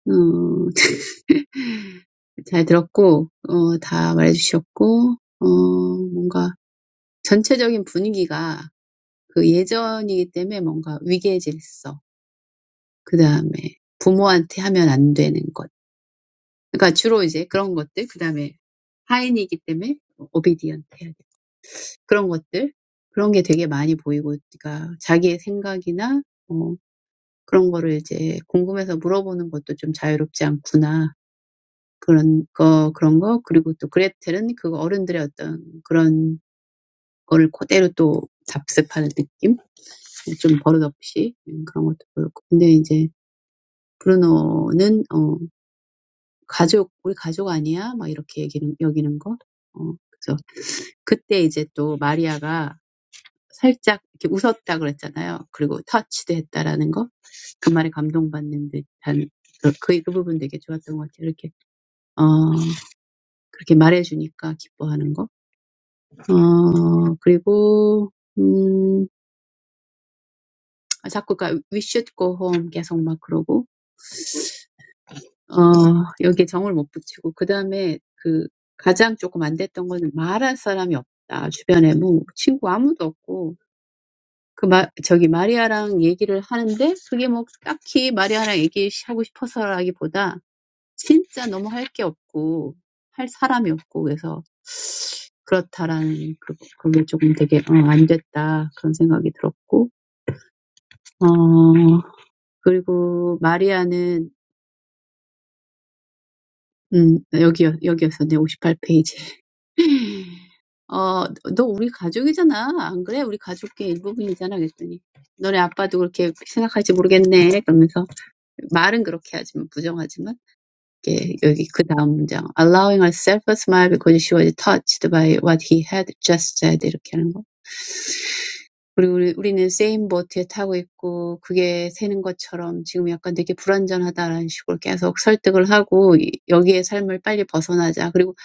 음, 잘 들었고, 어, 다 말해주셨고, 어, 뭔가 전체적인 분위기가 그 예전이기 때문에 뭔가 위계질서, 그 다음에 부모한테 하면 안 되는 것, 그러니까 주로 이제 그런 것들, 그 다음에 하인이기 때문에 obedient 해야 돼. 그런 것들, 그런 게 되게 많이 보이고, 그러니까 자기의 생각이나, 어, 그런 거를 이제 궁금해서 물어보는 것도 좀 자유롭지 않구나. 그런 거, 그런 거. 그리고 또 그레텔은 그 어른들의 어떤 그런 거를 그대로 또 답습하는 느낌? 좀 버릇없이 음, 그런 것도 보였고. 근데 이제 브루노는, 어, 가족, 우리 가족 아니야? 막 이렇게 얘기는, 여기는 거. 어, 그래서 That Maria smiled a little, and touched her. That was the most touching part. When he told her that, she was so happy. And he kept saying, "We should go home." He couldn't get her to go home. He kept saying, "We should go home." He kept saying, "We should go home." He kept saying, "We should go home." He kept saying, "We should go home." 그 마, 저기 마리아랑 얘기를 하는데 그게 뭐 딱히 마리아랑 얘기하고 싶어서라기보다 진짜 너무 할게 없고 할 사람이 없고 그래서 그렇다라는 그, 그게 조금 되게 어, 안 됐다 그런 생각이 들었고 어 그리고 마리아는 음 여기 여기였었네 58페이지 페이지 너 우리 가족이잖아. 안 그래? 우리 가족의 일부분이잖아. 그랬더니, 너네 아빠도 그렇게 생각할지 모르겠네. 그러면서 말은 그렇게 하지만 부정하지만 이게 여기 그 다음 문장 allowing herself a smile because she was touched by what he had just said 이렇게 하는 거. 그리고 우리, 우리는 same boat에 타고 있고 그게 새는 것처럼 지금 약간 되게 불완전하다라는 식으로 계속 설득을 하고 여기의 삶을 빨리 벗어나자. 그리고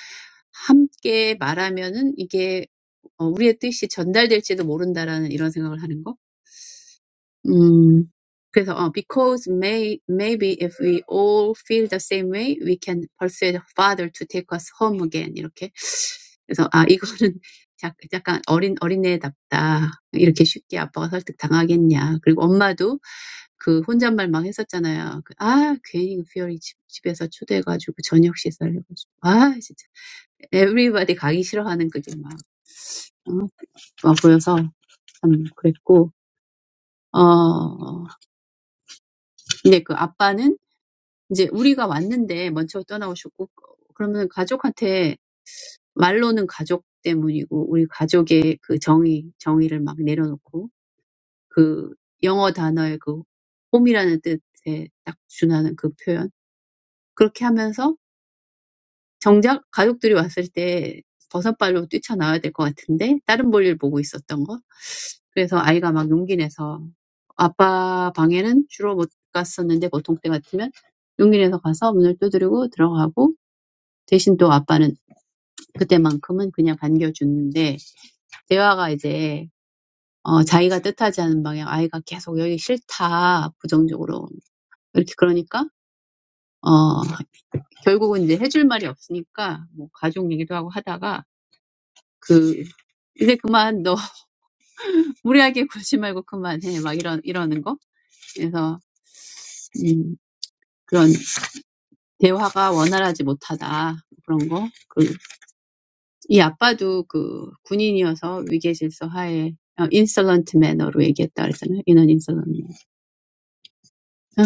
함께 말하면은 이게 어, 우리의 뜻이 전달될지도 모른다라는 이런 생각을 하는 거. Hmm. So, because may, maybe if we all feel the same way, we can persuade father to take us home again. Like, so, ah, this is a little bit like a young child. Like, how can dad persuade me to go home? And mom also, that was a lonely talk. Ah, why did you invite me to your house for dinner? Ah, everyone is so reluctant to go. Ah, so that's it. 근데 그 아빠는 이제 우리가 왔는데 먼저 떠나오셨고 그러면 가족한테 말로는 가족 때문이고 우리 가족의 그 정의 정의를 막 내려놓고 그 영어 단어의 그 홈이라는 뜻에 딱 준하는 그 표현 그렇게 하면서 정작 가족들이 왔을 때 버선발로 뛰쳐나와야 될것 같은데 다른 볼일 보고 있었던 거. 그래서 아이가 막 용기 내서 아빠 방에는 주로 못 갔었는데 보통 때 같으면 용기 내서 가서 문을 두드리고 들어가고 대신 또 아빠는 그때만큼은 그냥 반겨주는데 대화가 이제 어 자기가 뜻하지 않은 방향 아이가 계속 여기 싫다 부정적으로 이렇게 그러니까 어 결국은 이제 해줄 말이 없으니까 뭐 가족 얘기도 하고 하다가 그. 이제 그만 너 무리하게 굴지 말고 그만해 막 이런 이러는 거 그래서 음, 그런 대화가 원활하지 못하다 그런 거. 그, 이 아빠도 그 군인이어서 위계 질서 하에 어, 인솔런트 매너로 얘기했다 그랬잖아요. 이런 인솔런트. 아,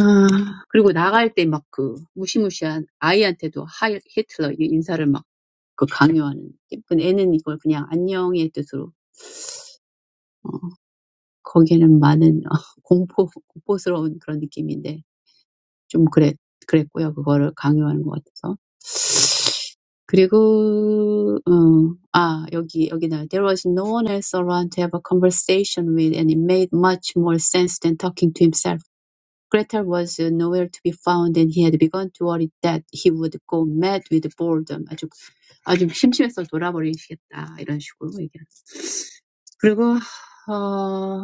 그리고 나갈 때막그 무시무시한 아이한테도 하이 히틀러 이 인사를 막그 강요하는. 근데 애는 이걸 그냥 안녕의 뜻으로. 어, 거기에는 많은 공포 공포스러운 그런 느낌인데 좀 그랬, 그랬고요. 그거를 강요하는 것 같아서. 그리고, 어, 아, 여기, 여기다. There was no one else around to have a conversation with and it made much more sense than talking to himself. Gretel was uh, nowhere to be found and he had begun to worry that he would go mad with boredom. 아주, 아주 심심해서 돌아버리시겠다. 이런 식으로 얘기하는. 그리고, 어,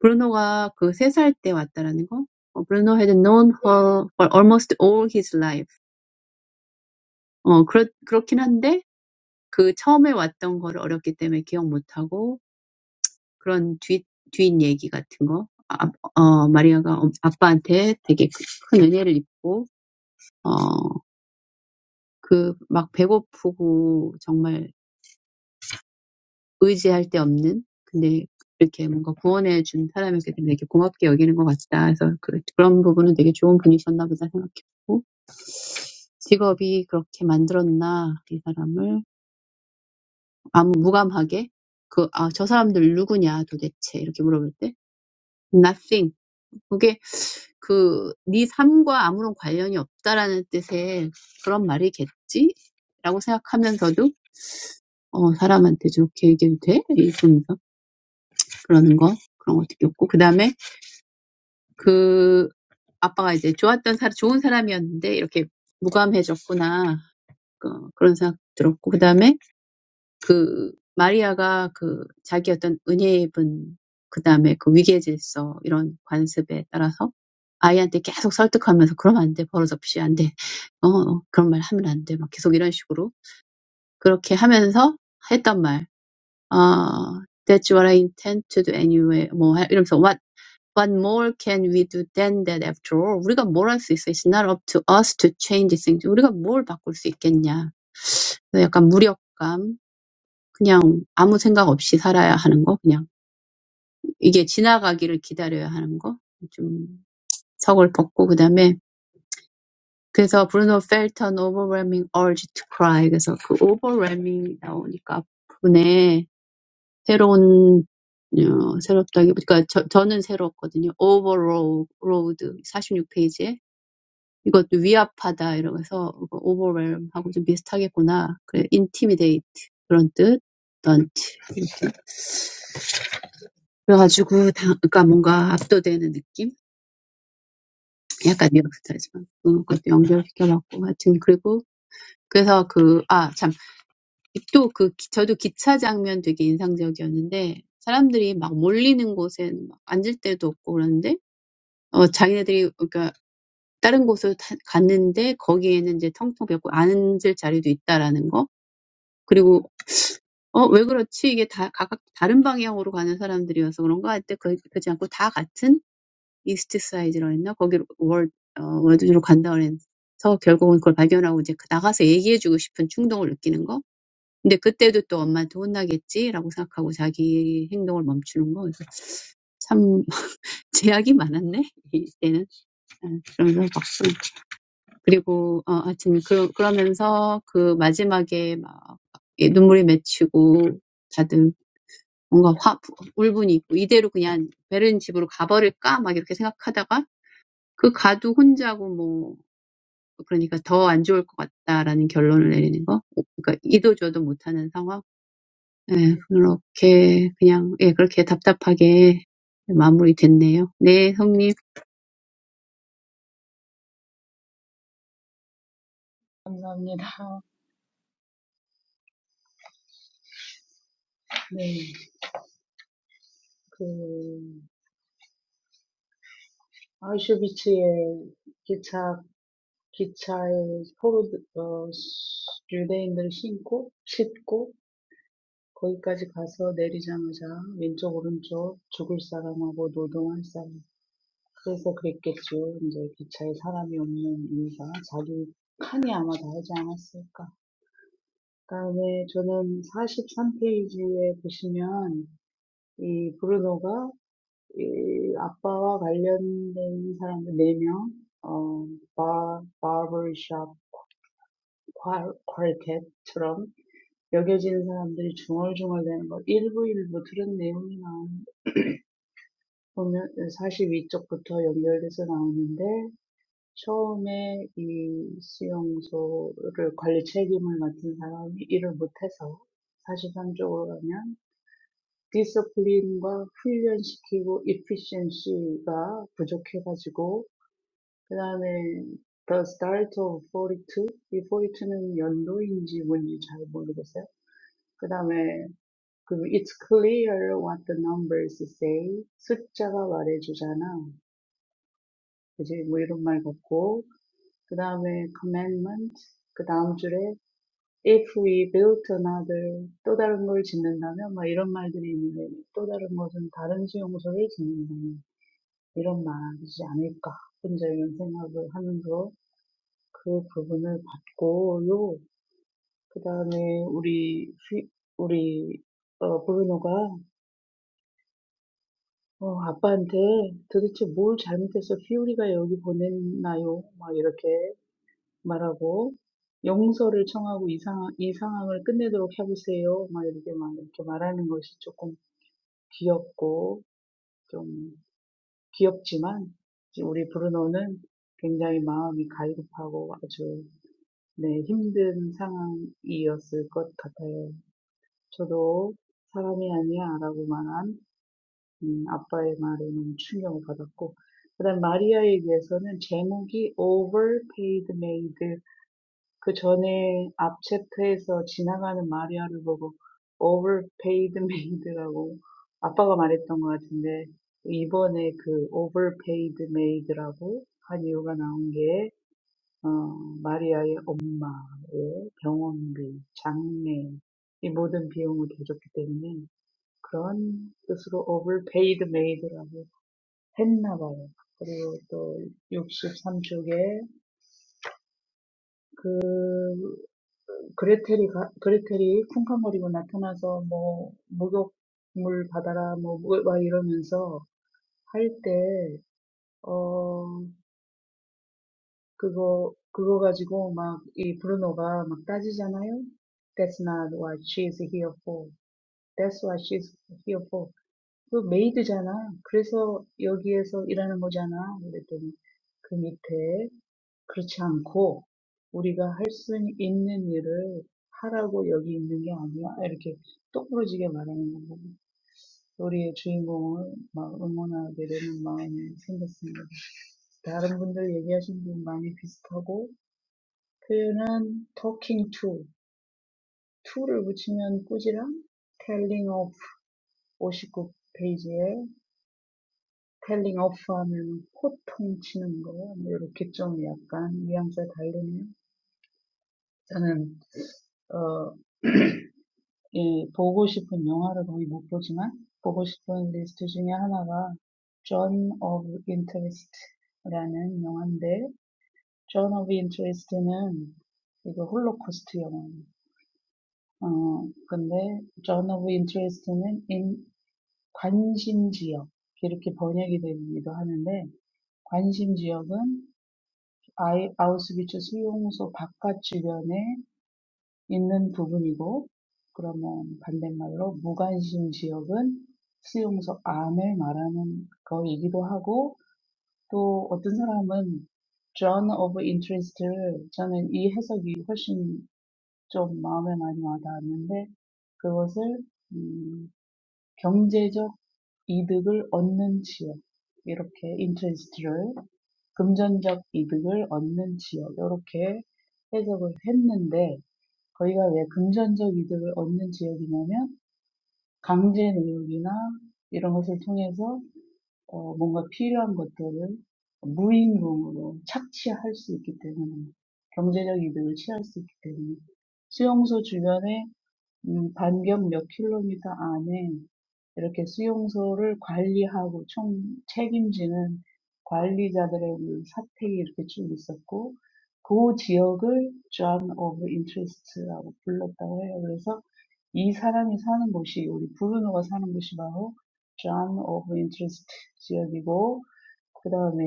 브루노가 그 3살 때 왔다라는 거? 어, Bruno had known her for almost all his life. 어, 그렇, 그렇긴 한데, 그 처음에 왔던 거를 어렸기 때문에 기억 못하고, 그런 뒷, 뒷 얘기 같은 거. 아, 어, 마리아가 엄- 아빠한테 되게 큰 은혜를 입고, 어, 그, 막 배고프고, 정말 의지할 데 없는, 근데 이렇게 뭔가 구원해 준 사람에게 되게 고맙게 여기는 것 같다. 그래서 그, 그런 부분은 되게 좋은 분이셨나 보다 생각했고, 직업이 그렇게 만들었나, 이 사람을. 아무, 무감하게. 그, 아, 저 사람들 누구냐, 도대체. 이렇게 물어볼 때. Nothing. That's like, "Oh, you're not a good person." 그 마리아가 그 자기 어떤 은혜의 분, 그 다음에 그 위계 질서 이런 관습에 따라서 아이한테 계속 설득하면서 그러면 안 돼, 버릇없이 안 돼, 어 그런 말 하면 안 돼, 막 계속 이런 식으로 그렇게 하면서 했던 말, 아 That's what I intend to do anyway. 뭐 하- 이러면서 What more can we do than that? After all, we can't change things. What more can we do than that? After all, we can't change things. 우리가 뭘 바꿀 수 있겠냐? 그래서 약간 무력감, 그냥 아무 생각 없이 살아야 하는 거, 그냥. 이게 지나가기를 기다려야 하는 거, 좀 서글펐고, 그 다음에, 그래서 Bruno felt an overwhelming urge to cry. 그래서 그 overwhelming 나오니까 부분에 새로운, 어, 새롭다기, 그러니까 저, 저는 새롭거든요. overload, 46페이지에. 이것도 위압하다, 이러면서 overwhelm하고 좀 비슷하겠구나. 그 intimidate, 그런 뜻. daunt 그래가지고 당 그러니까 뭔가 압도되는 느낌? 약간 이렇기도 하지만 그런 것도 연결시켜봤고 하여튼 그리고 그래서 그, 아, 참. 또 그, 기- 저도 기차 장면 되게 인상적이었는데, 사람들이 막 몰리는 곳에 막 앉을 데도 없고 그러는데, 어, 자기네들이, 그러니까, 다른 곳으로 타, 갔는데, 거기에는 이제 텅텅 비었고, 앉을 자리도 있다라는 거. 그리고, 어, 왜 그렇지? 이게 다, 각각 다른 방향으로 가는 사람들이어서 그런가? 할때 그, 그렇지 않고 다 같은 이스트 사이드라 했나? 거기로 월, 어, 월드로 간다 그래서 결국은 그걸 발견하고 이제 그 나가서 얘기해주고 싶은 충동을 느끼는 거. 근데 그때도 또 엄마한테 혼나겠지라고 생각하고 자기 행동을 멈추는 거. 그래서 참 제약이 많았네 이때는. 아, 그러면서 박수. 그리고 어, 하여튼 그, 그러면서 그 마지막에 막 예, 눈물이 맺히고 다들 뭔가 화 울분이 있고 이대로 그냥 베른 집으로 가버릴까 막 이렇게 생각하다가 그 가도 혼자고 뭐 그러니까 더안 좋을 것 같다라는 결론을 내리는 거. 그러니까 이도 저도 못하는 상황. 예, 그렇게 그냥 예, 그렇게 답답하게 마무리됐네요. 네, 성님.
감사합니다. 네, 그 아이쇼 기차, 기차에 포로, 어, 유대인들 신고, 싣고, 거기까지 가서 내리자마자 왼쪽, 오른쪽 죽을 사람하고 노동할 사람. 그래서 그랬겠죠. 이제 기차에 사람이 없는 이유가 자기 칸이 아마 다르지 않았을까. 그 다음에 저는 43페이지에 보시면 이 브루노가 이 아빠와 관련된 사람들 네 명, 어, 바, 바버샵 콰- quartet처럼 여겨지는 사람들이 중얼중얼대는 걸 일부 일부 들은 내용이 나오는, 보면 42쪽부터 연결돼서 나오는데, 처음에 이 수용소를 관리 책임을 맡은 사람이 일을 못해서 43쪽으로 가면, 디스플린과 훈련시키고 efficiency가 부족해가지고 그다음에 The Start of 42. 이이 forty 연도인지 뭔지 잘 모르겠어요. 그다음에 그 It's clear what the numbers say. 숫자가 말해주잖아. 그지? 뭐 이런 말 같고. 그다음에 Commandment. 그 다음 줄에 If we built another 또 다른 걸 짓는다면 막 이런 말들이 있는데 또 다른 것은 다른 수용소를 짓는다면 이런 말이지 않을까. 혼자 이런 생각을 하면서 그 부분을 봤고요. 그 다음에 우리 휘, 우리 어 브루노가 어 아빠한테 도대체 뭘 잘못해서 피오리가 여기 보냈나요? 막 이렇게 말하고 용서를 청하고 이 상황 이 상황을 끝내도록 해보세요. 막 이렇게 막 이렇게 말하는 것이 조금 귀엽고 좀 귀엽지만 이제 우리 브루노는 굉장히 마음이 갈급하고 아주 네 힘든 상황이었을 것 같아요. 저도 사람이 아니야라고 말한 음, 아빠의 말에 너무 충격을 받았고 그다음 마리아 얘기에서는 제목이 Overpaid Maid 그 전에 앞 챕터에서 지나가는 마리아를 보고 Overpaid Maid라고 아빠가 말했던 것 같은데 이번에 그 Overpaid Maid라고 한 이유가 나온 게 어, 마리아의 엄마의 병원비, 장례 이 모든 비용을 대줬기 때문에 그런 뜻으로 overpaid made라고 했나 봐요. 그리고 또 63쪽에 그레텔이 가- 그레텔이 쿵쾅거리고 나타나서 뭐 목욕물 받아라 뭐막 이러면서 할 때, 어, 그거 그거 가지고 막 이 브루노가 막 따지잖아요. That's not what she is here for. That's what she's here for. 그 메이드잖아. 그래서 여기에서 일하는 거잖아. 그랬더니 그 밑에 그렇지 않고 우리가 할 수 있는 일을 하라고 여기 있는 게 아니야. 이렇게 똑부러지게 말하는 거고 우리의 주인공을 막 응원하게 되는 마음이 생겼습니다. 다른 분들 얘기하신 분 많이 비슷하고 표현은 talking to, to를 붙이면 꾸지람, telling of 59 페이지에 스펠링 오프 하면 호통 치는 거, 이렇게 좀 약간 뉘앙스가 다르네요. 저는, 어, 이 보고 싶은 영화를 거의 못 보지만, 보고 싶은 리스트 중에 하나가 John of Interest라는 영화인데, John of Interest는 이거 홀로코스트 영화예요. 어, 근데 John of Interest는 인, 관심지역 이렇게 번역이 되기도 하는데, 관심지역은 아이- 아우슈비츠 수용소 바깥 주변에 있는 부분이고 그러면 반대말로 무관심 지역은 수용소 안을 말하는 거이기도 하고 또 어떤 사람은 zone of interest를 저는 이 해석이 훨씬 좀 마음에 많이 와닿았는데 그것을 음, 경제적 이득을 얻는 지역 이렇게 interest를 금전적 이득을 얻는 지역 이렇게 해석을 했는데 거기가 왜 금전적 이득을 얻는 지역이냐면 강제 노역이나 이런 것을 통해서 어, 뭔가 필요한 것들을 무임금으로 착취할 수 있기 때문에 경제적 이득을 취할 수 있기 때문에 수용소 주변에 음, 반경 몇 킬로미터 안에 이렇게 수용소를 관리하고 총 책임지는 관리자들의 그 사택이 이렇게 쭉 있었고, 그 지역을 Zone of Interest라고 불렀다고 해요. 그래서 이 사람이 사는 곳이, 우리 브루노가 사는 곳이 바로 Zone of Interest 지역이고, 그 다음에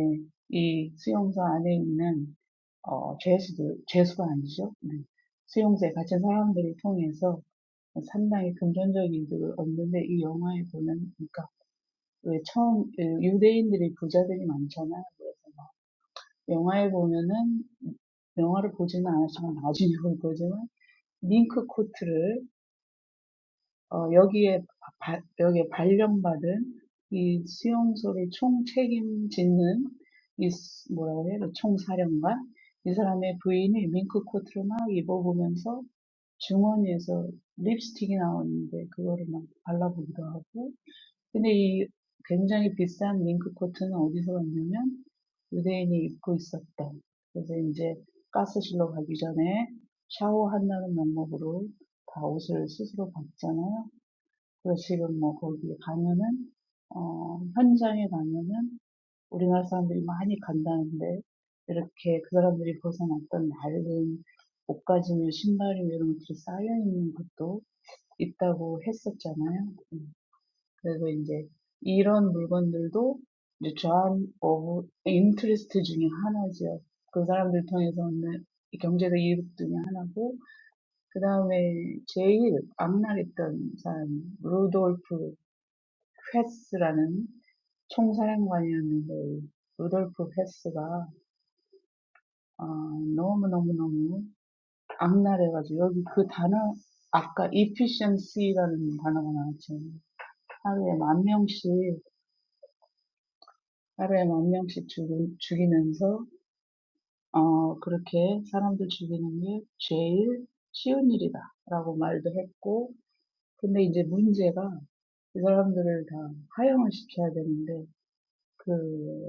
이 수용소 안에 있는, 어, 죄수들, 죄수가 아니죠. 네. 수용소에 갇힌 사람들을 통해서 상당히 금전적인 그거 없는데 이 영화에 보면 그러니까 왜 처음 유대인들이 부자들이 많잖아. 그래서 영화에 보면은 영화를 보지는 않았지만 나중에 볼 거지만 링크 코트를 어, 여기에 바, 여기에 발령받은 이 수용소를 총 책임지는 이 뭐라고 해야 돼? 총사령관 이 사람의 부인이 밍크 코트를 막 입어보면서 중원에서 립스틱이 나오는데 그거를 막 발라보기도 하고 근데 이 굉장히 비싼 밍크 코트는 어디서 왔냐면 유대인이 입고 있었던 그래서 이제 가스실로 가기 전에 샤워한다는 명목으로 다 옷을 스스로 벗잖아요. 그래서 지금 뭐 거기 가면은 어, 현장에 가면은 우리나라 사람들이 많이 간다는데 이렇게 그 사람들이 벗어났던 낡은 옷가지며 신발이며 이런 것들이 쌓여 있는 것도 있다고 했었잖아요. 음, 그래서 이제 이런 물건들도 이제 job of interest 중에 하나지요. 그 사람들 통해서 얻는 경제적 이득 중에 하나고 그 다음에 제일 악랄했던 사람, 루돌프 헤스라는 총사령관이었는데 루돌프 헤스가 어, 너무너무너무 악랄해가지고 여기 그 단어 아까 efficiency라는 단어가 나왔죠. 하루에 만 명씩 하루에 만 명씩 죽이, 죽이면서 어 그렇게 사람들 죽이는 게 제일 쉬운 일이다라고 말도 했고 근데 이제 문제가 그 사람들을 다 하향을 시켜야 되는데 그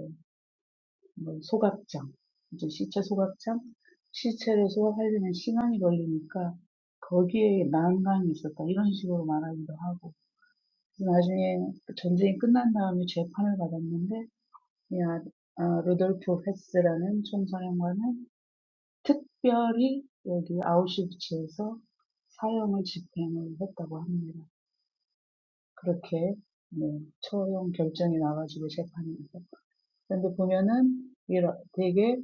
뭐 소각장, 이제 시체 소각장, 시체를 소각하려면 시간이 걸리니까 거기에 난강이 있었다. 이런 식으로 말하기도 하고. 나중에 전쟁이 끝난 다음에 재판을 받았는데, 이 아, 아, 루돌프 헤스라는 총사령관은 특별히 여기 아우슈비츠에서 사형을 집행을 했다고 합니다. 그렇게 네, 처형 결정이 나가지고 재판이 있었 근데 보면은 이런 되게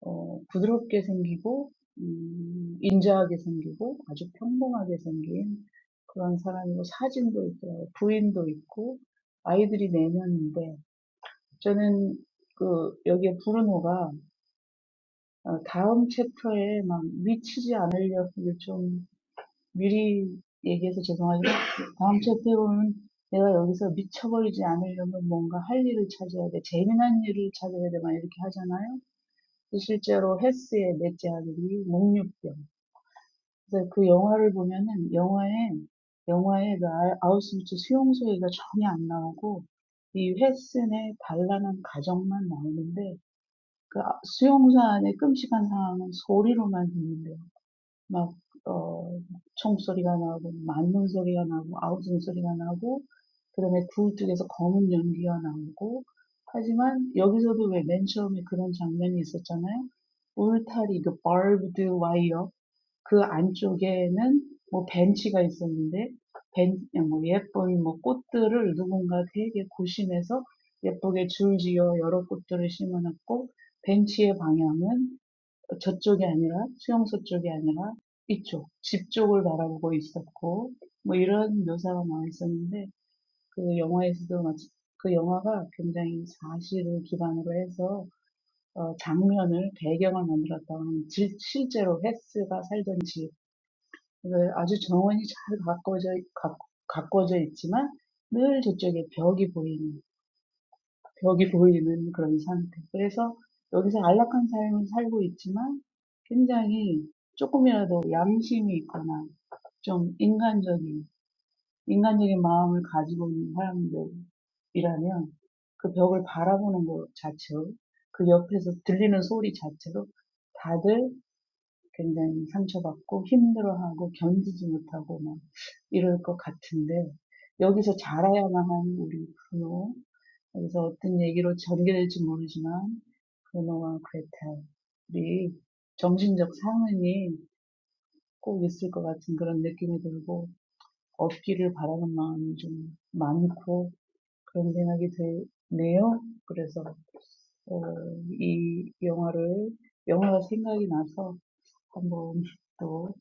어, 부드럽게 생기고 음, 인자하게 생기고 아주 평범하게 생긴 그런 사람이고 사진도 있더라고요. 부인도 있고 아이들이 4명인데 저는 그 여기에 브루노가 어, 다음 챕터에 막 미치지 않으려고 좀 미리 얘기해서 죄송하지만 다음 챕터에 보면 내가 여기서 미쳐버리지 않으려면 뭔가 할 일을 찾아야 돼. 재미난 일을 찾아야 돼. 막 이렇게 하잖아요. 그 실제로 헤스의 넷째 아들이 목류병. 그래서 그 영화를 보면은 영화에 영화에 그 아- 아우슈비츠 수용소 얘기가 전혀 안 나오고 이 헤슨의 단란한 가정만 나오는데 그 수용소 안의 끔찍한 상황은 소리로만 듣는데 막, 어, 총소리가 나고, 맞는 소리가 나고, 아우성 소리가 나고, 그다음에 굴 쪽에서 검은 연기가 나오고, 하지만 여기서도 왜 맨 처음에 그런 장면이 있었잖아요. 울타리, 그 barbed wire, 그 안쪽에는 뭐 벤치가 있었는데, 벤, 뭐 예쁜 뭐 꽃들을 누군가 되게 고심해서 예쁘게 줄지어 여러 꽃들을 심어놨고, 벤치의 방향은 저쪽이 아니라 수용소 쪽이 아니라 이쪽 집 쪽을 바라보고 있었고 뭐 이런 묘사가 나와 있었는데 그 영화에서도 마치 그 영화가 굉장히 사실을 기반으로 해서 어, 장면을 배경을 만들었다고 하면 실제로 헤스가 살던 집 아주 정원이 잘 가꿔져 가 가꿔져 있지만 늘 저쪽에 벽이 보이는 벽이 보이는 그런 상태. 그래서 여기서 안락한 삶을 살고 있지만 굉장히 조금이라도 양심이 있거나 좀 인간적인, 인간적인 마음을 가지고 있는 사람들이라면 그 벽을 바라보는 것 자체로 그 옆에서 들리는 소리 자체로 다들 굉장히 상처받고 힘들어하고 견디지 못하고 막 이럴 것 같은데 여기서 자라야만 하는 우리 부모 여기서 어떤 얘기로 전개될지 모르지만 그노와 그레텔이 정신적 상흔이 꼭 있을 것 같은 그런 느낌이 들고 없기를 바라는 마음이 좀 많고 그런 생각이 드네요. 그래서 어, 이 영화를 영화가 생각이 나서 한번 또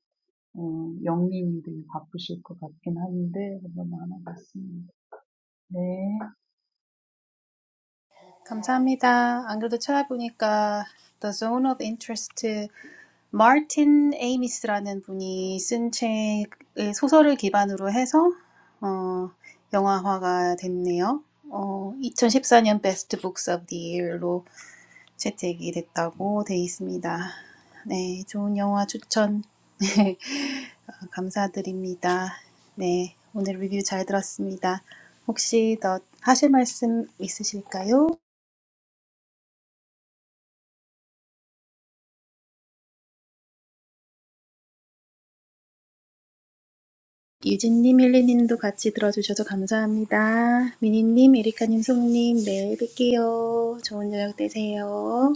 어, 영님이 되게 바쁘실 것 같긴 한데 한번 나눠봤습니다. 네.
감사합니다. 안 그래도 찾아보니까 The Zone of Interest 마틴 에이미스라는 분이 쓴 책의 소설을 기반으로 해서 어, 영화화가 됐네요. 어, 2014년 Best Books of the Year로 채택이 됐다고 돼 있습니다. 네, 좋은 영화 추천 감사드립니다. 네, 오늘 리뷰 잘 들었습니다. 혹시 더 하실 말씀 있으실까요? 유진님, 헬리님도 같이 들어주셔서 감사합니다. 미니님, 에리카님, 송님, 내일 뵐게요. 좋은 저녁 되세요.